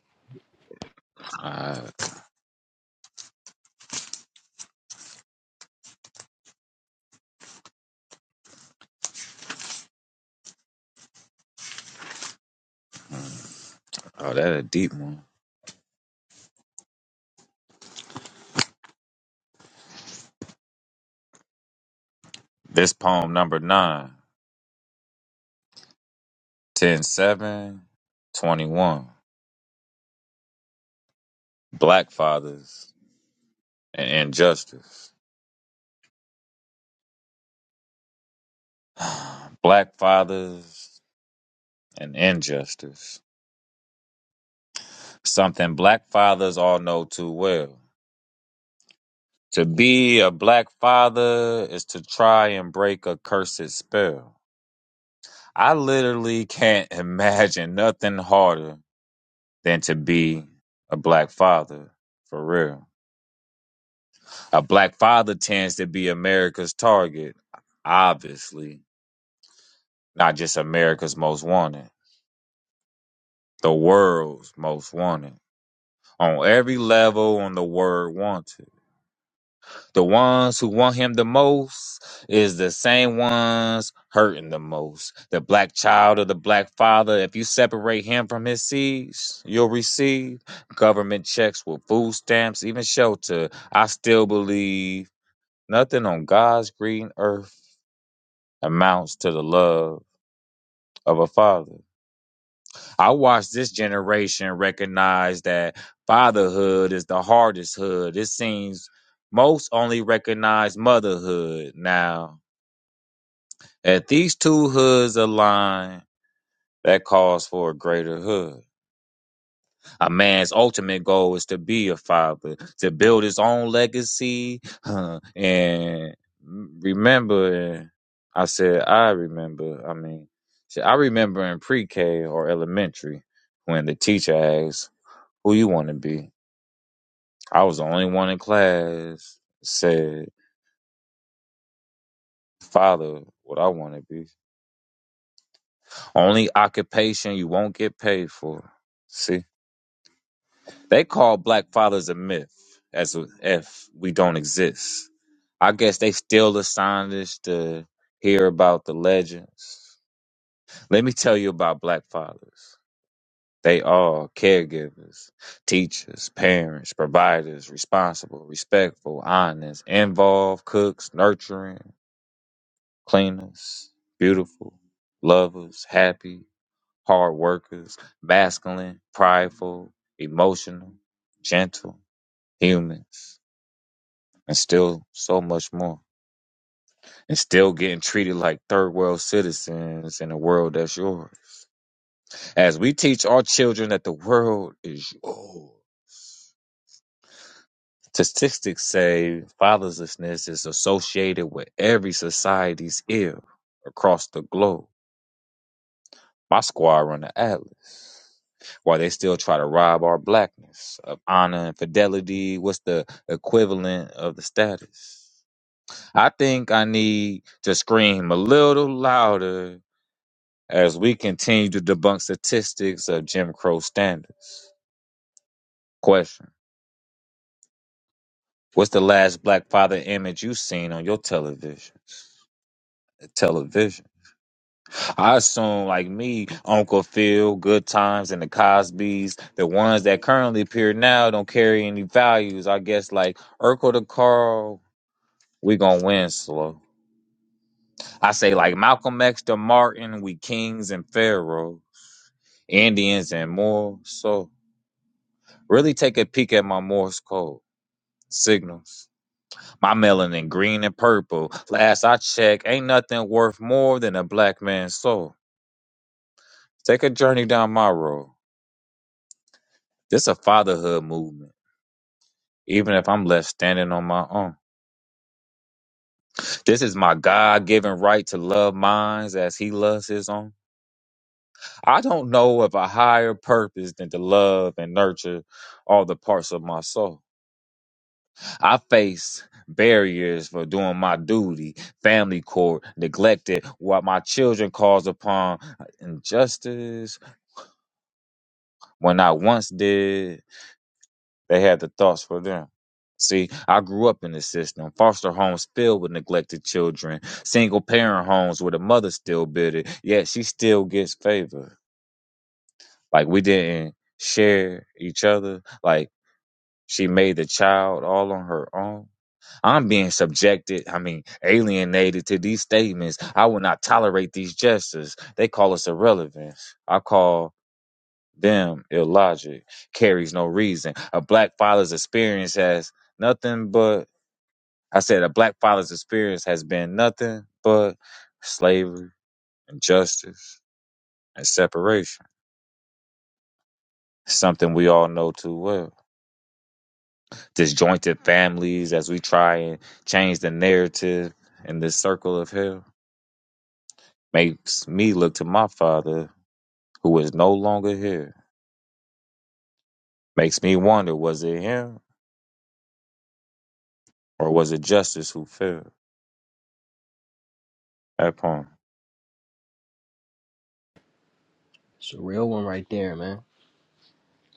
It's a real one right there, man.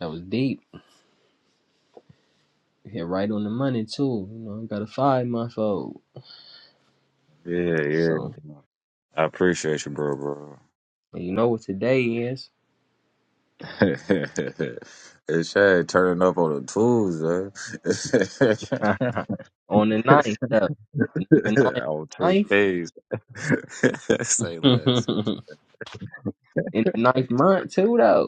That was deep. Hit right on the money too. You know, I got a five month old. So and you know what today is. on the ninth though. Number nine ninth. In the ninth month too though.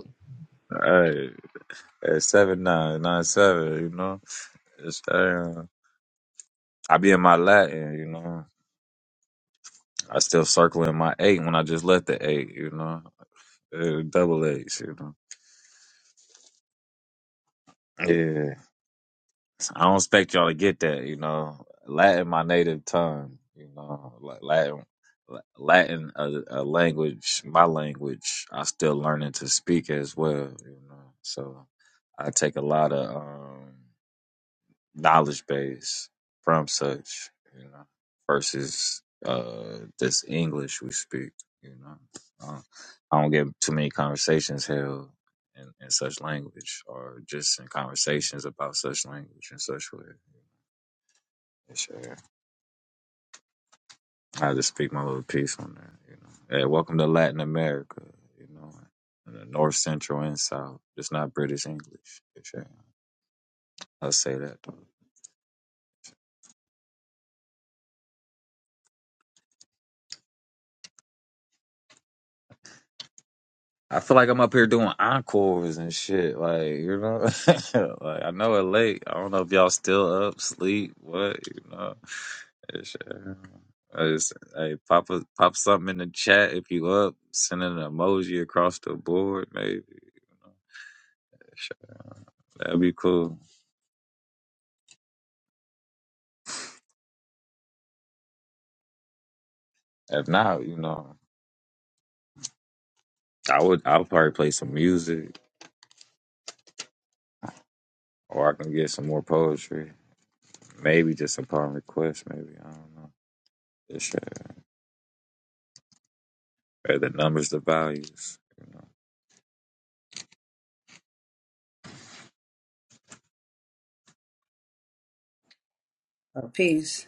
Oh, peace.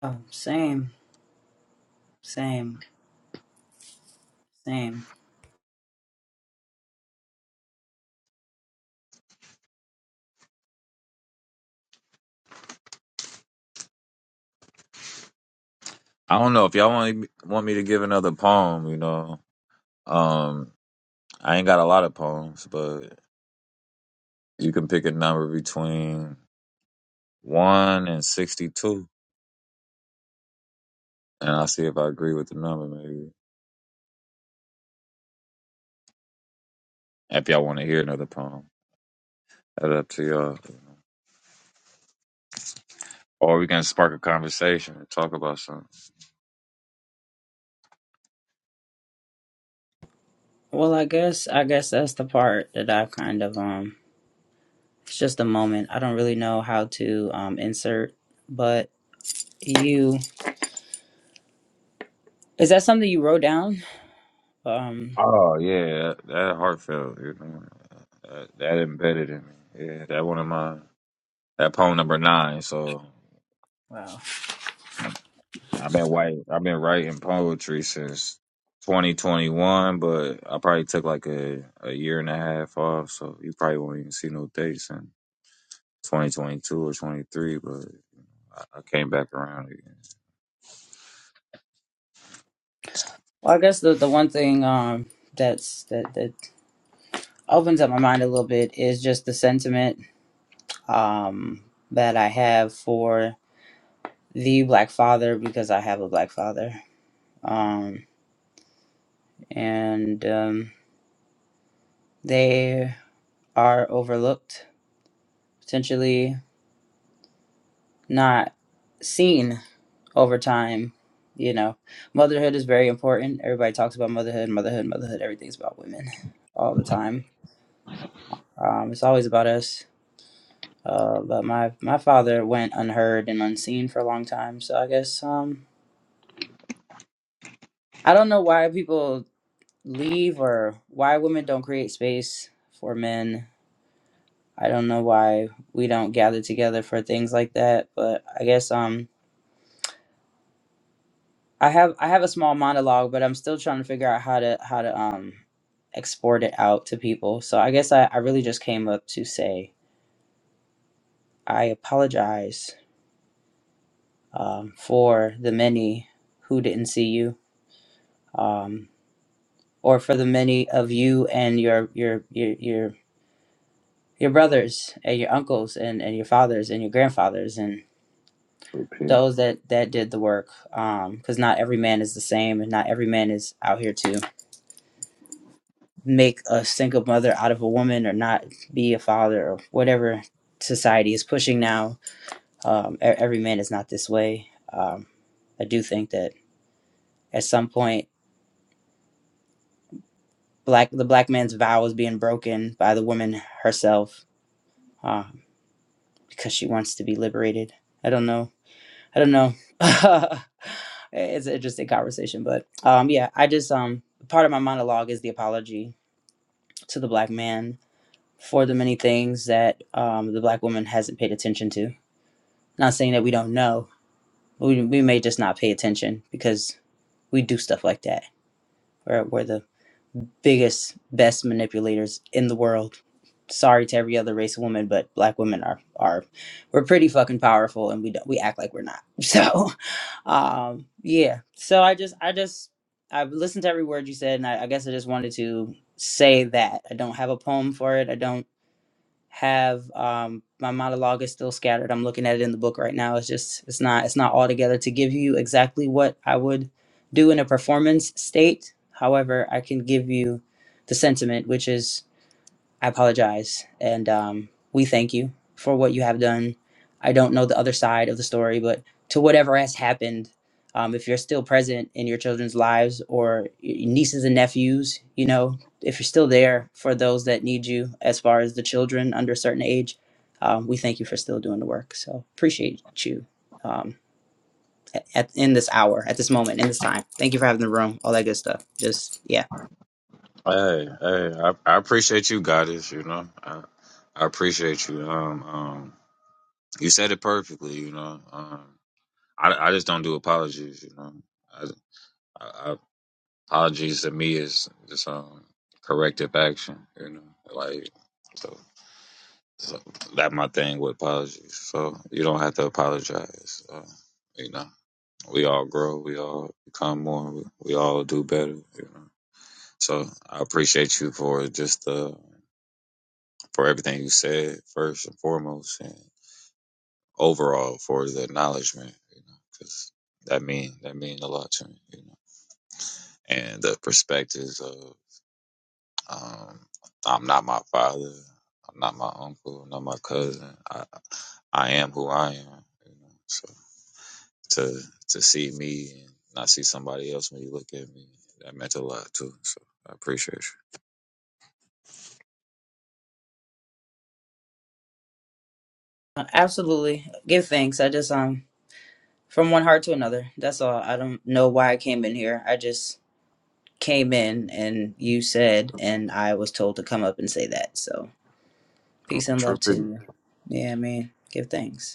Oh, same, same, same. Well, I guess I guess that's the part that I kind of um. It's just a moment. I don't really know how to um insert, but you is that something you wrote down? Um. Wow. Well, I guess the the one thing um that's that that opens up my mind a little bit is just the sentiment um that I have for the black father because I have a black father. Um and um they are overlooked, potentially not seen over time. You know, motherhood is very important. Everybody talks about motherhood, motherhood, motherhood. Everything's about women all the time. Um, it's always about us. Uh, but my my father went unheard and unseen for a long time. So I guess um, I don't know why people leave or why women don't create space for men. I don't know why we don't gather together for things like that. But I guess um, I have I have a small monologue, but I'm still trying to figure out how to how to um export it out to people. So I guess I, I really just came up to say I apologize um, for the many who didn't see you, um, or for the many of you and your your your your your brothers and your uncles and, and your fathers and your grandfathers and those that that did the work because not every man is the same and not every man is out here too make a single mother out of a woman or not be a father or whatever society is pushing now. Um, e- every man is not this way. Um, I do think that at some point, black the black man's vow is being broken by the woman herself um, because she wants to be liberated. I don't know. I don't know. it's an interesting conversation, but um, yeah, I just um, part of my monologue is the apology to the black man for the many things that um, the black woman hasn't paid attention to. Not saying that we don't know, but we, we may just not pay attention because we do stuff like that. We're, we're the biggest, best manipulators in the world. Sorry to every other race of women, but black women are are we're pretty fucking powerful, and we don't, we act like we're not. So, um, yeah. So I just I just I've listened to every word you said, and I, I guess I just wanted to say that I don't have a poem for it. I don't have um my monologue is still scattered i'm looking at it in the book right now it's just it's not it's not all together to give you exactly what i would do in a performance state however i can give you the sentiment which is I apologize. And um, we thank you for what you have done. I don't know the other side of the story, but to whatever has happened, um, if you're still present in your children's lives or your nieces and nephews, you know, if you're still there for those that need you, as far as the children under a certain age, um, we thank you for still doing the work. So appreciate you um, at, at, in this hour, at this moment, in this time. Thank you for having the room, all that good stuff. Just, yeah. Uh, Absolutely. Give thanks. I just, um, From one heart to another. That's all. I don't know why I came in here. I just came in and you said, and I was told to come up and say that. So peace and love to you. Yeah, man. Give thanks.